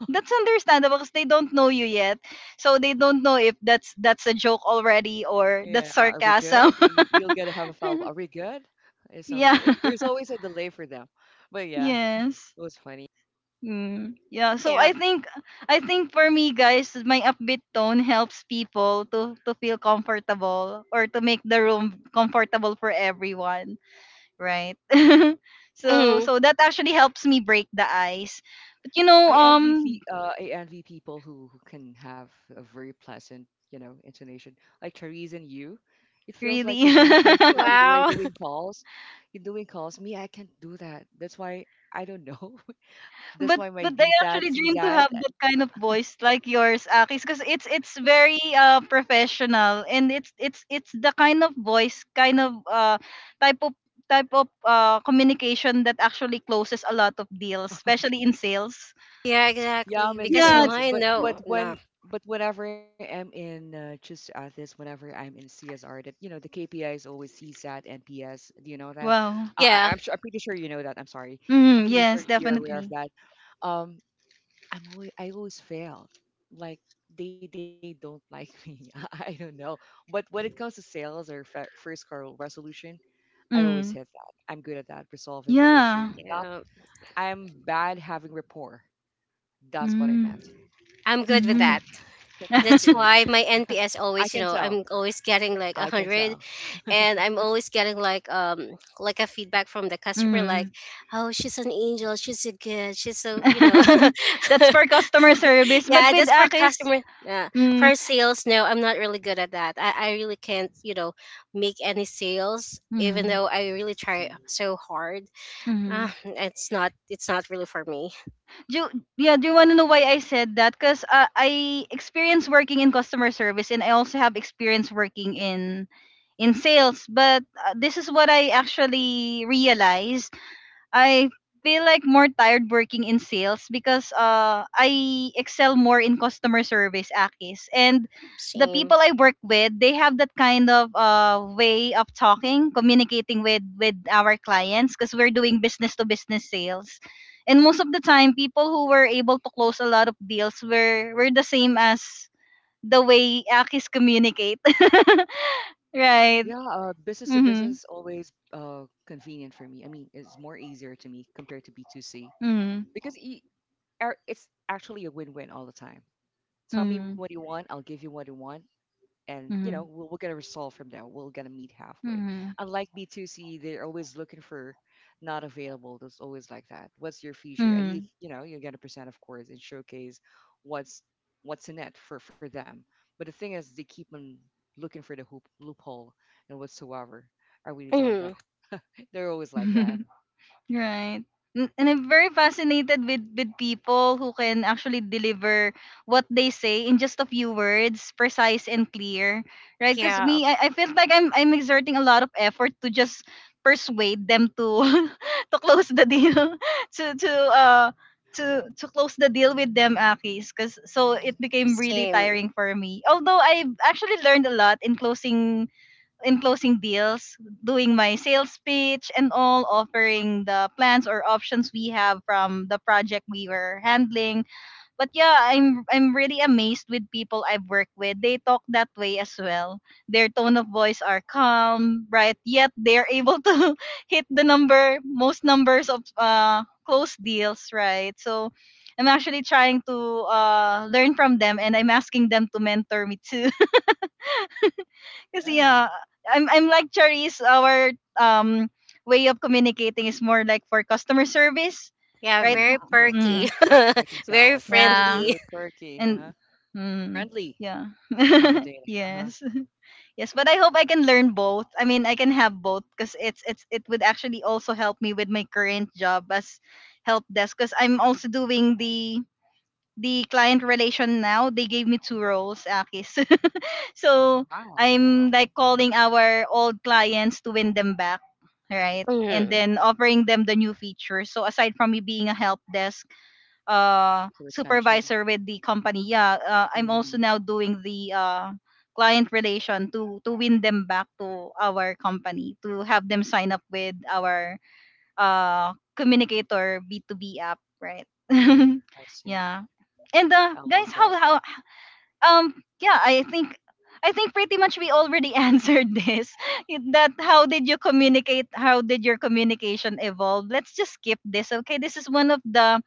S1: That's understandable because they don't know you yet, so they don't know if that's a joke already or
S2: Yeah.
S1: that's
S2: Are we
S1: sarcasm.
S2: good? You'll get to have a follow up. Are
S1: *laughs*
S2: we good? It's
S1: Yeah.
S2: something.
S1: *laughs*
S2: There's always a delay for them, but yeah, *laughs*
S1: Yes.
S2: it was funny.
S1: Mm, yeah so
S3: Yeah.
S1: I think I think for me guys my upbeat tone helps people to feel comfortable or to make the room comfortable for everyone, right? *laughs* So
S3: Mhm.
S1: so that actually helps me break the ice. But you know,
S2: I envy people who can have a very pleasant, intonation. Like Therese and you, it feels like you're
S1: really?
S2: very perky when
S1: *laughs*
S2: you were
S3: Wow.
S2: doing calls. You're doing calls. Me, I can't do that. That's why I don't know. *laughs* That's
S1: but
S2: why my
S1: but I
S2: D SAT,
S1: actually
S2: C
S1: dream to
S2: CSAT.
S1: have that kind of voice like yours, Akis, because it's very professional and it's the kind of voice, kind of type of type of communication that actually closes a lot of deals,
S2: *laughs*
S1: especially in sales.
S3: *laughs* Yeah,
S2: Yeah, I'm
S3: exactly,
S2: in
S3: because
S1: Yeah.
S2: sales,
S3: mine, no, no.
S2: but whenever I'm in just to add this, whenever I'm in CSR, that the KPI is always CSAT and PS. Do you know that?
S1: Wow.
S3: Yeah.
S2: I'm sure, I'm pretty sure you know that. I'm sorry, I'm
S1: Mm,
S2: pretty sure
S1: yes,
S2: you're aware of
S1: definitely.
S2: that. Um, I always fail. Like they don't like *laughs* me. I don't know. But when it comes to sales or first call resolution, I always
S1: Mm.
S2: hit that. I'm good at that, resolving the issue.
S1: Yeah.
S2: Not
S3: Yeah,
S2: I'm bad having rapport. That's what I meant.
S1: Mm.
S3: I'm good with
S2: I can
S3: that.
S2: continue.
S3: That's why
S1: *laughs*
S3: my
S2: I can
S3: NPS
S2: tell.
S3: always, you know, I'm always
S2: I can
S3: getting like
S2: tell.
S3: 100, and I'm always getting like a feedback from the customer, like,
S1: Mm.
S3: oh, she's an angel, she's so good, she's so, you know.
S1: *laughs* That's for
S3: *laughs*
S1: customer service. But
S3: Yeah,
S1: with
S3: that's for
S1: Akis,
S3: customer, yeah.
S1: mm,
S3: For sales, no, I'm not really good at that. I really can't, you know, make any sales even
S1: mm,
S3: though I really try
S2: Hmm.
S3: so hard.
S1: mm.
S3: It's not, it's not really for me.
S1: Do you, yeah, do you
S2: Oh,
S1: want to know
S2: but
S1: why
S2: for
S1: I
S2: me.
S1: said that? Because I experience working in customer service and I also have experience working in sales. But this is what I actually realized I feel like more tired working in sales because I excel more in customer service, Akis, and the
S3: Same.
S1: people I work with they have that kind of
S2: Mhm.
S1: way of talking communicating with our clients because we're doing business to business sales. And most of the time people who were able to close a lot of deals were the same as the way Akis communicate. *laughs* Right.
S2: Yeah, business to business
S1: Mhm.
S2: is always convenient for me. I mean, it's more easier to me compared to B2C
S1: Mhm.
S2: because it's actually a win-win all the time. Tell me
S1: Mhm.
S2: what you want, I'll give you what you want, and
S1: Mhm.
S2: we're gonna resolve from there. We're gonna meet halfway,
S1: Mhm.
S2: unlike b2c. They're always looking for, not available, there's always like that, what's your feature. And
S1: Mhm.
S2: you're gonna present, of course, and showcase what's what's in it for them. But the thing is, they keep on looking for the loophole and whatsoever. I really
S3: Mhm.
S2: don't know. They're always like
S1: *laughs*
S2: that.
S1: Right. And I'm very fascinated with people who can actually deliver what they say in just a few words, precise and clear, right? Because
S3: Yeah,
S1: me, I feel like I'm exerting a lot of effort to just persuade them to *laughs* to close the deal, *laughs* to to close the deal with them, Akis. Because so it became
S2: Hmm.
S1: really
S3: same.
S1: tiring for me. Although I've actually learned a lot in closing deals, doing my sales pitch and all, offering the plans or options we have from the project we were handling. But yeah, I'm really amazed with people I've worked with. They talk that way as well. Their tone of voice are calm, bright, yet they're able to *laughs* hit the number most numbers of close deals, right? So I'm actually trying to learn from them and I'm asking them to mentor me too. Because
S2: Yeah,
S1: yeah, I'm like Charisse. Our um way of communicating is more like for customer service,
S3: Yeah,
S1: right?
S2: yeah,
S3: very
S2: I feel, yeah,
S3: perky.
S1: Mm,
S2: I can.
S3: *laughs* Very
S2: I can tell,
S1: yeah,
S3: friendly.
S2: very quirky.
S1: and
S2: Uh-huh.
S1: mm,
S2: Friendly.
S1: yeah, *laughs*
S2: Accommodating. Uh-huh.
S1: yes, yes. But I hope I can learn both. I mean, I can have both because it's it would actually also help me with my current job as help desk because I'm also doing the client relation now. They gave me two roles, Akis. *laughs* So
S2: Wow,
S1: I'm
S2: wow.
S1: like calling our old clients to win them back, right?
S3: *laughs*
S1: And
S3: Hmm.
S2: Mhm.
S1: then offering them the new features. So aside from me being a help desk
S2: Like a retention.
S1: supervisor with the company, yeah, I'm also
S2: Hmm.
S1: now doing the client relation to win them back to our company to have them sign up with our communicator B2B app, right?
S2: Hmm. I
S1: *laughs*
S2: see.
S1: Yeah. And
S2: I love
S1: Guys,
S2: that.
S1: how um yeah, I think pretty much we already *laughs* answered this. *laughs* That how did you communicate, how did your communication evolve? Let's just skip this. Okay, this is one of the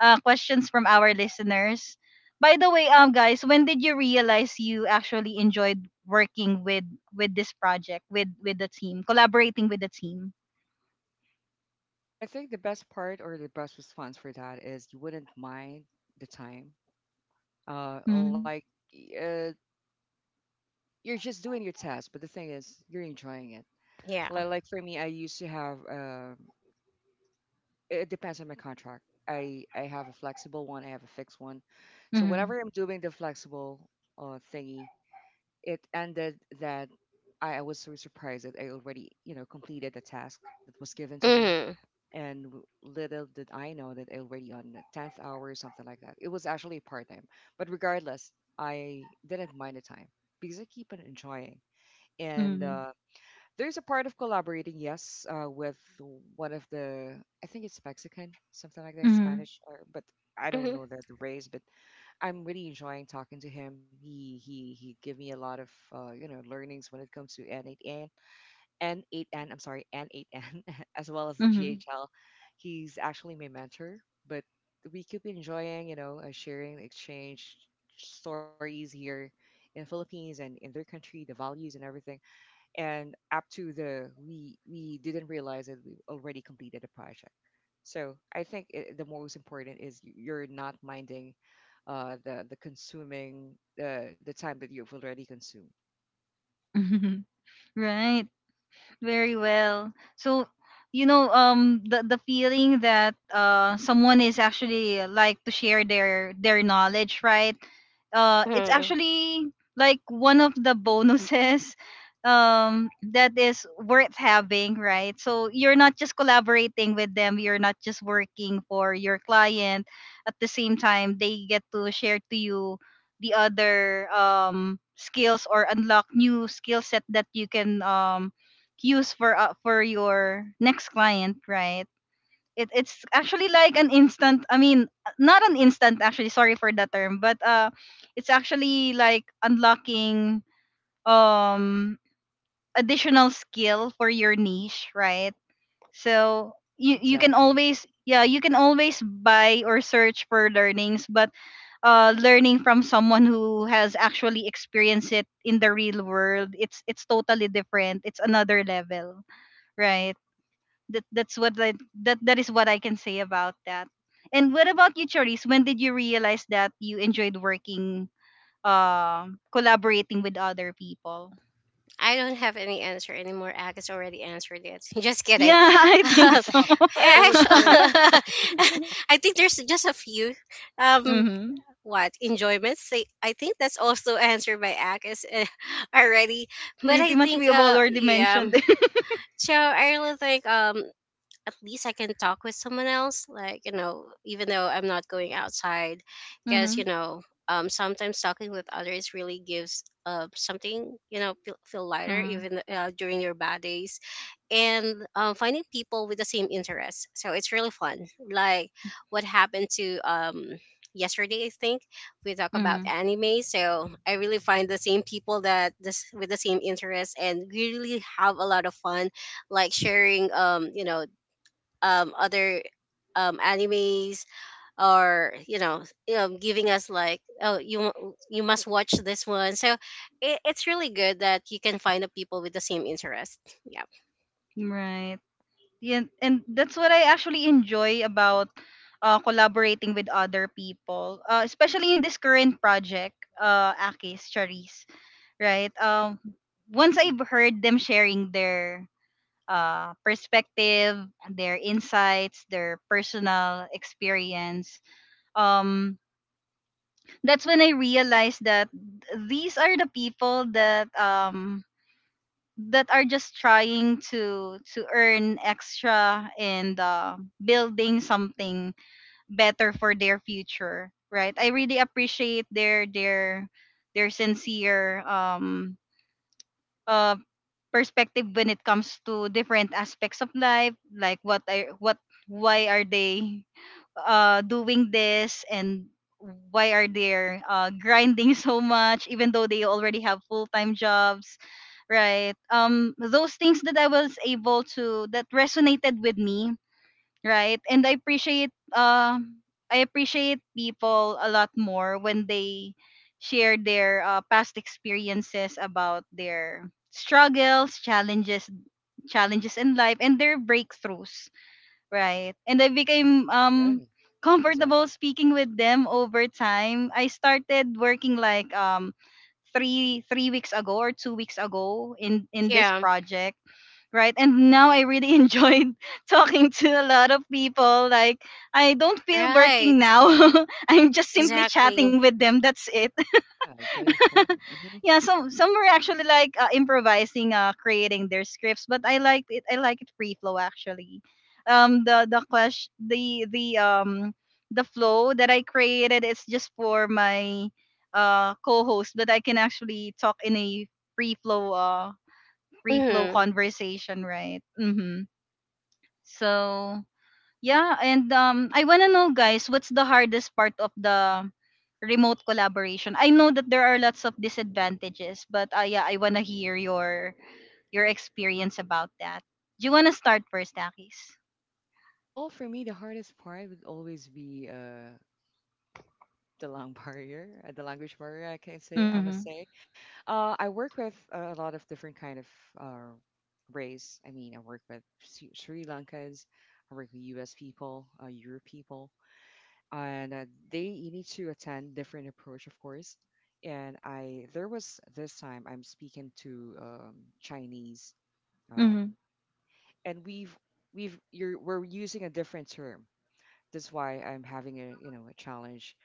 S1: questions from our listeners. By the way, guys, when did you realize you actually enjoyed working with this project, with the team, collaborating with the team?
S2: I think the best part or the best response for that is you wouldn't mind the time.
S1: Mm-hmm.
S2: Like uh, you're just doing your task, but the thing is, you're enjoying it.
S3: Yeah.
S2: Like for me, I used to have. It depends on my contract. I have a flexible one. I have a fixed one. So
S1: Mm-hmm.
S2: whenever I'm doing the flexible thingy, it ended that I was so surprised that I already, completed the task that was given to me.
S3: Hmm.
S2: And little did I know that I already on the 10th hour or something like that. It was actually part time. But regardless, I didn't mind the time because I keep on enjoying. And
S1: Mm-hmm.
S2: there's a part of collaborating, yes, with one of the, I think it's Mexican, something like that,
S1: Mm-hmm.
S2: Spanish, or, but I don't know the race, but I'm really enjoying talking to him. He gave me a lot of learnings when it comes to NAT N8N. I'm sorry, N8N, *laughs* as well as the GHL. He's actually my mentor, but we keep enjoying, sharing exchange stories here in Philippines and in their country, the values and everything. And up to the we didn't realize that we already completed the project. So I think the most important is you're not minding uh, the the consuming the time that you've already consumed.
S1: *laughs* Right. Very well. So, you know, the feeling that someone is actually like to share their knowledge, right? It's
S3: Hmm.
S1: actually like one of the bonuses. *laughs* That is worth having, right? So you're not just collaborating with them, you're not just working for your client. At the same time, they get to share to you the other skills or unlock new skill set that you can use for your next client, right? It's actually like an instant. I mean, not an instant. Actually, sorry for that term, but it's actually like unlocking um additional skill for your niche, right? So you can
S2: Exactly.
S1: always, yeah, you can always buy or search for learnings, but learning from someone who has actually experienced it in the real world, it's totally different. It's another level, right? that that's what I, that is what I can say about that. And what about you, Charisse? When did you realize that you enjoyed working, collaborating with other people?
S3: I don't have any answer anymore. Agus already answered it. *laughs* Just kidding. *laughs*
S1: Yeah, *laughs* I think
S3: Um,
S1: so.
S3: I
S2: That was great.
S3: actually, *laughs*
S1: *laughs*
S3: I think there's just a few. Um,
S1: Mm-hmm.
S3: what enjoyments? Say, I think that's also *laughs* answered by Agus, *laughs* already. But
S1: Pretty
S3: I
S1: much we
S3: think,
S1: have already
S3: yeah.
S1: mentioned it.
S3: So I really think, at least I can talk with someone else. Like, you know, even though I'm not going outside,
S1: *laughs*
S3: because, you
S1: Mm-hmm.
S3: know, sometimes talking with others really gives something, you know, feel, feel lighter
S1: Mm-hmm.
S3: even during your bad days. And finding people with the same interests. So it's really fun. Like what happened to yesterday, I think we talk about anime. So I really find the same people that this with the same interests and we really have a lot of fun, like sharing you know, other animes, or you know, you know, giving us like, oh, you you must watch this one. So it, it's really good that you can find the people with the same interest. Yeah.
S1: Right. Yeah, and that's what I actually enjoy about collaborating with other people, especially in this current project, Akis, Charisse. Right? Once I've heard them sharing their perspective, their insights, their personal experience, um, that's when I realized that these are the people that that are just trying to earn extra and building something better for their future, right? I really appreciate their sincere uh, perspective when it comes to different aspects of life, like what are what why are they doing this, and why are they grinding *laughs* so much even though they already have full-time jobs, right? Those things that I was able to that resonated with me, right? And I appreciate people a lot more when they share their past experiences about their struggles, challenges in life and their breakthroughs, right? And I
S2: Mhm.
S1: became
S2: Yeah,
S1: comfortable
S2: exactly.
S1: speaking with them over time. I started working like three weeks ago, or 2 weeks ago in this
S3: Yeah.
S1: project, right? And now I really *laughs* enjoyed talking to a lot of people. Like, I don't feel working
S3: Right.
S1: now. *laughs* I'm just simply chatting
S3: Exactly.
S1: with them, that's it.
S2: Yeah, getting fun. Hmm.
S1: Yeah, some were actually like improvising, creating their scripts, but I liked it. I like it free flow actually. Um the the question the the um the flow that I created is just for my co-host, but I can actually talk in a free flow uh free flow
S3: Mm-hmm.
S1: conversation, right? Mm-hmm. So yeah, and I want to know guys, what's the hardest part of the remote collaboration? I know that there are lots of disadvantages, but yeah, I want to hear your experience about that. Do you want to start first, Akis?
S2: Well, for me, the hardest part would always be the long *laughs* barrier, the language barrier. I
S1: Mhm.
S2: must say, I work with a lot of different kind of uh race. I mean, I work with Sri Lankans, I work with U.S. people, Europe people, and they need to attend different approach, of course. And I there was this time I'm speaking to Chinese. Uh,
S1: Mhm.
S2: and we're using a different term. That's why I'm having a you know a challenge.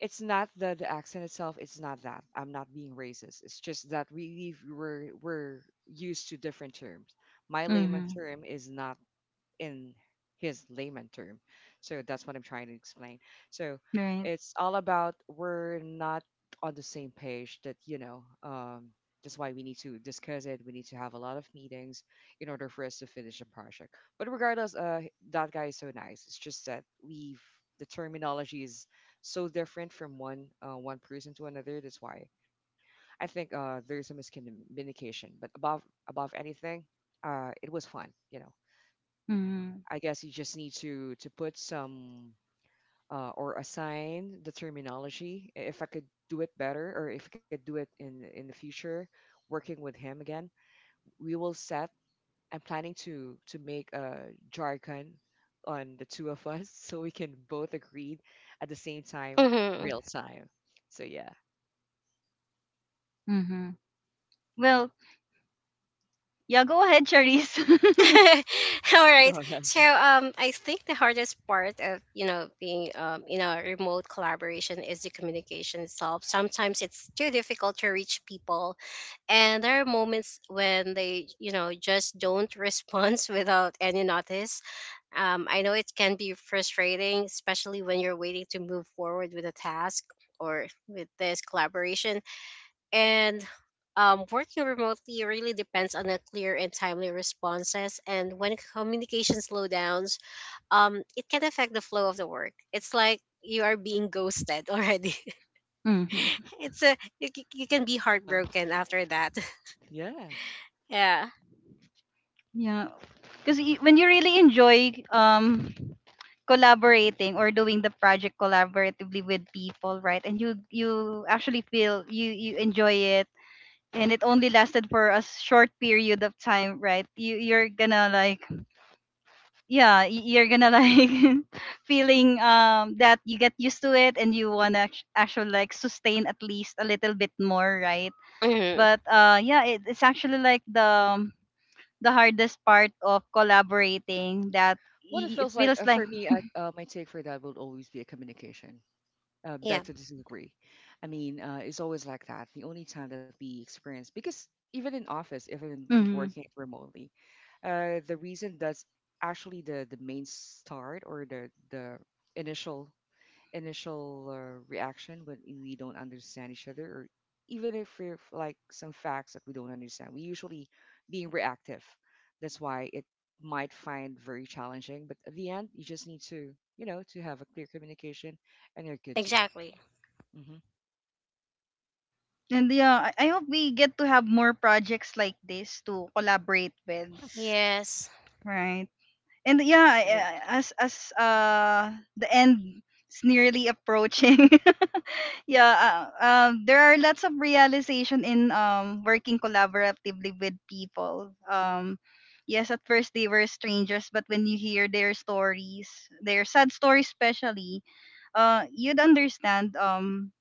S2: It's not the accent itself. It's not that I'm not being racist. It's just that we we've- we're used to different terms. My layman
S1: Mhm.
S2: term is not in his layman term. So that's what I'm trying to explain. So
S1: Right.
S2: it's all about we're not on the same page that, that's why we need to discuss it. We need to have a lot of meetings in order for us to finish a project. But regardless, that guy is so nice. It's just that we've the terminology is so different from one person to another. That's why I think there's a miscommunication. But above anything, it was fun.
S1: Mhm.
S2: I guess you just need to put some or assign the terminology. If I could do it better, or if I could do it in the future, working with him again, we will set. I'm planning to make a jargon on the two of us *laughs* so we can both agree at the same time,
S3: Mm-hmm.
S2: real time. So yeah,
S1: Mhm. Well, yeah, go ahead, Charisse. *laughs*
S3: *laughs* All
S2: *laughs*
S3: right.
S2: go ahead.
S3: So I think the hardest part of, you know, being in a remote collaboration is the communication itself. Sometimes it's too difficult to reach people, and there are moments when they, you know, just don't respond *laughs* without any notice. I know it can be frustrating, especially when you're waiting to move forward with a task or with this collaboration, and working remotely really depends on a clear and timely responses. And when communication slowdowns, it can affect the flow of the work. It's like you are being ghosted already.
S1: Mhm.
S3: *laughs* It's a you can be
S2: Uh huh.
S3: heartbroken after that. *laughs*
S2: Yeah.
S3: Yeah.
S1: Yeah. Cuz when you really enjoy collaborating or doing the project collaboratively with people, right? And you actually feel you you enjoy it, and it only lasted for a short period of time, right? You you're gonna like *laughs* feeling that you get used to it, and you wanna actually like sustain at least a little bit more, right?
S3: Hmm.
S1: But yeah, it's actually like um, the hardest part of
S2: Mhm.
S1: collaborating, that
S2: What it
S1: it
S2: feels like
S1: feels like
S2: for me, my take for that would always be a communication.
S3: Yeah.
S2: Becca doesn't. I mean, it's always like that. The only time that we experience, because even in office, even you're
S1: mm-hmm.
S2: working remotely, the reason that's actually the main start or the initial initial reaction when we don't understand each other, or even if like some facts that we don't understand, we usually being reactive. That's why it might find very challenging. But at the end, you just need to you know to have a clear communication, and you're good to go.
S3: Exactly.
S2: Hmm.
S1: And yeah, I hope we get to have more projects like this to collaborate with,
S2: Yes.
S3: Yes.
S1: right? And yeah,
S3: Right.
S1: as the end is nearly approaching, *laughs* yeah, there are lots of realization in working collaboratively with people. Yes, at first they were strangers, but when you hear their stories, their sad stories especially, you'd understand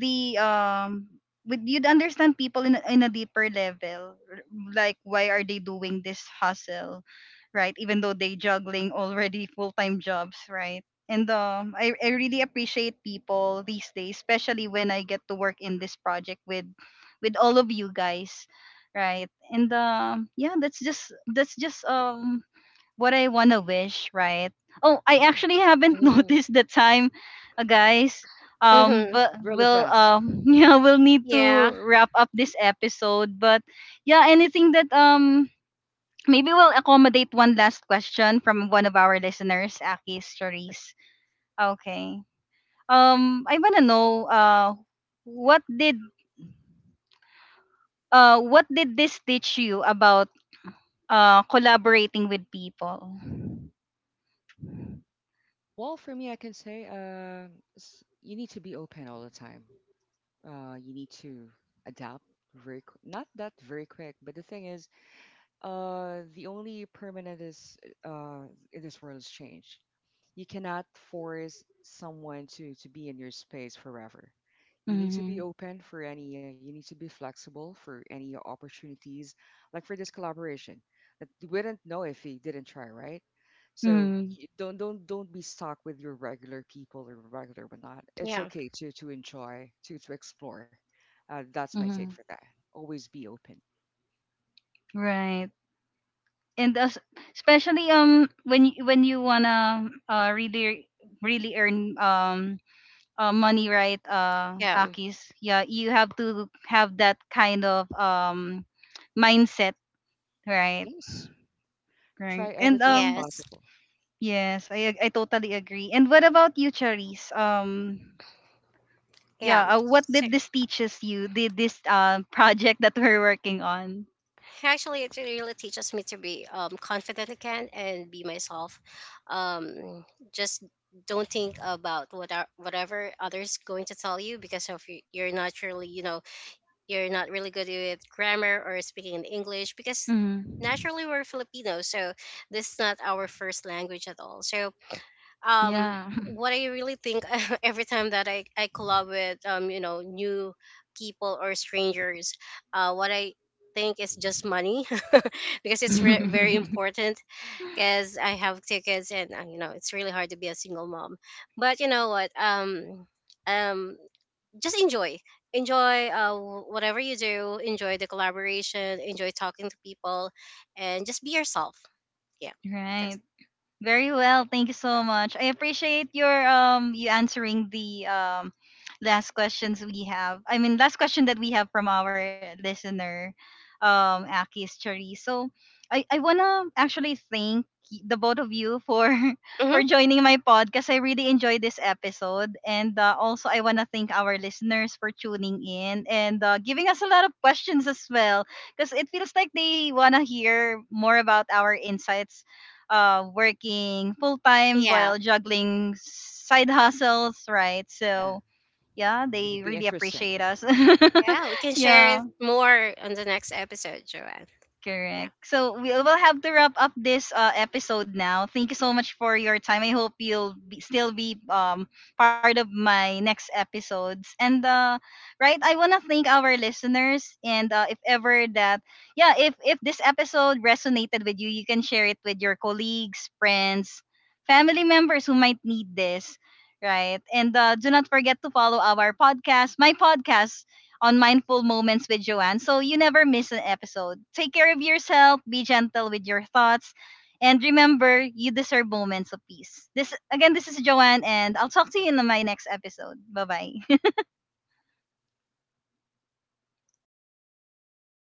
S1: the with you'd understand people in a deeper level, like, why are they doing this hustle, right? Even though they juggling already full-time jobs, right? And I really appreciate people these days, especially when I get to work in this project with all of you guys, right? And yeah, that's just what I wanna wish, right? Oh, I
S2: Yeah.
S1: actually haven't *laughs*
S3: Hmm.
S1: noticed the time, guys.
S3: Hmm.
S1: But
S2: Really
S1: we'll
S2: fast.
S1: *laughs* yeah, we'll need to
S3: Yeah.
S1: wrap up this episode. But yeah, anything that maybe we'll accommodate one last question from one of our listeners, Aki
S2: Sure.
S1: Stories. Okay. I wanna know what did what did this teach you about collaborating with people?
S2: Well, for me, I can say s you need to be open all the time. You need to adapt not that very quick, but the thing is, the only permanent is uh, in this world is change. You cannot force someone to be in your space forever. You need to
S1: Mm-hmm.
S2: be open for any. You need to be flexible for any opportunities, like for this collaboration that you wouldn't know if you didn't try, right? So
S1: Mm-hmm.
S2: don't be stuck with your regular people or regular whatnot. It's
S3: Yeah.
S2: okay to enjoy to explore. That's my take for that. Always be open.
S1: Right. And as, especially when you wanna really really earn money, right?
S3: Yeah.
S1: Akis, yeah, you have to have that kind of mindset, right?
S2: Yes. Try
S1: Right. And
S2: everything as
S3: Yes.
S2: possible.
S1: yes, I totally agree. And what about you, Charisse?
S3: Yeah.
S1: Yeah, what did this teaches you, did this project that we're working on,
S3: Actually, it really teaches me to be confident again and be myself. Um, just don't think about what are, whatever others going to tell you because of you're not really, you know, you're not really good with grammar or speaking in English, because
S1: hmm,
S3: naturally we're Filipinos, so this is not our first language at all. So um,
S1: yeah?
S3: what I really think, *laughs* every time that I collab with, um, you know, new people or strangers, what I think is just money. *laughs* Because it's very
S1: *laughs*
S3: important, because I have tickets and you know, it's really hard to be a single mom. But you know what, um, um, just enjoy, enjoy whatever you do, enjoy the collaboration, enjoy talking to people, and just be yourself. Yeah. That's.
S1: Right. Very well, thank you so
S2: Exactly.
S1: much. I appreciate your you answering the last questions we have. I mean, last question that we have from our listener, Akis Chari. So I wanna actually thank the both of you for *laughs*
S3: Mm-hmm.
S1: for joining my podcast. I really enjoyed this episode, and also I wanna thank our listeners for tuning in and giving us a lot of questions as well, because it feels like they wanna hear more about our insights working full time
S3: Yeah.
S1: while juggling side hustles, right?
S2: Yeah.
S1: So yeah,
S2: It would
S1: they
S2: be
S1: really
S2: interesting.
S1: appreciate us.
S3: Yeah, we can
S1: *laughs*
S3: share it
S1: Yeah.
S3: more on the next episode, Joanne. Yeah.
S1: Correct. So we will have to wrap up this episode now. Thank you so much for your time. I hope you'll be, still be part of my next episodes. And right, I wanna thank our listeners. And if ever that, yeah, if this episode resonated with you, you can share it with your colleagues, friends, family members who might need this. Right. And do not forget to follow our podcast, my podcast, on Mindful Moments with Joanne, so you never miss an episode. Take care of yourself, be gentle with your thoughts, and remember, you deserve moments of peace. This again, this is Joanne, and I'll talk to you in my next episode. Bye bye.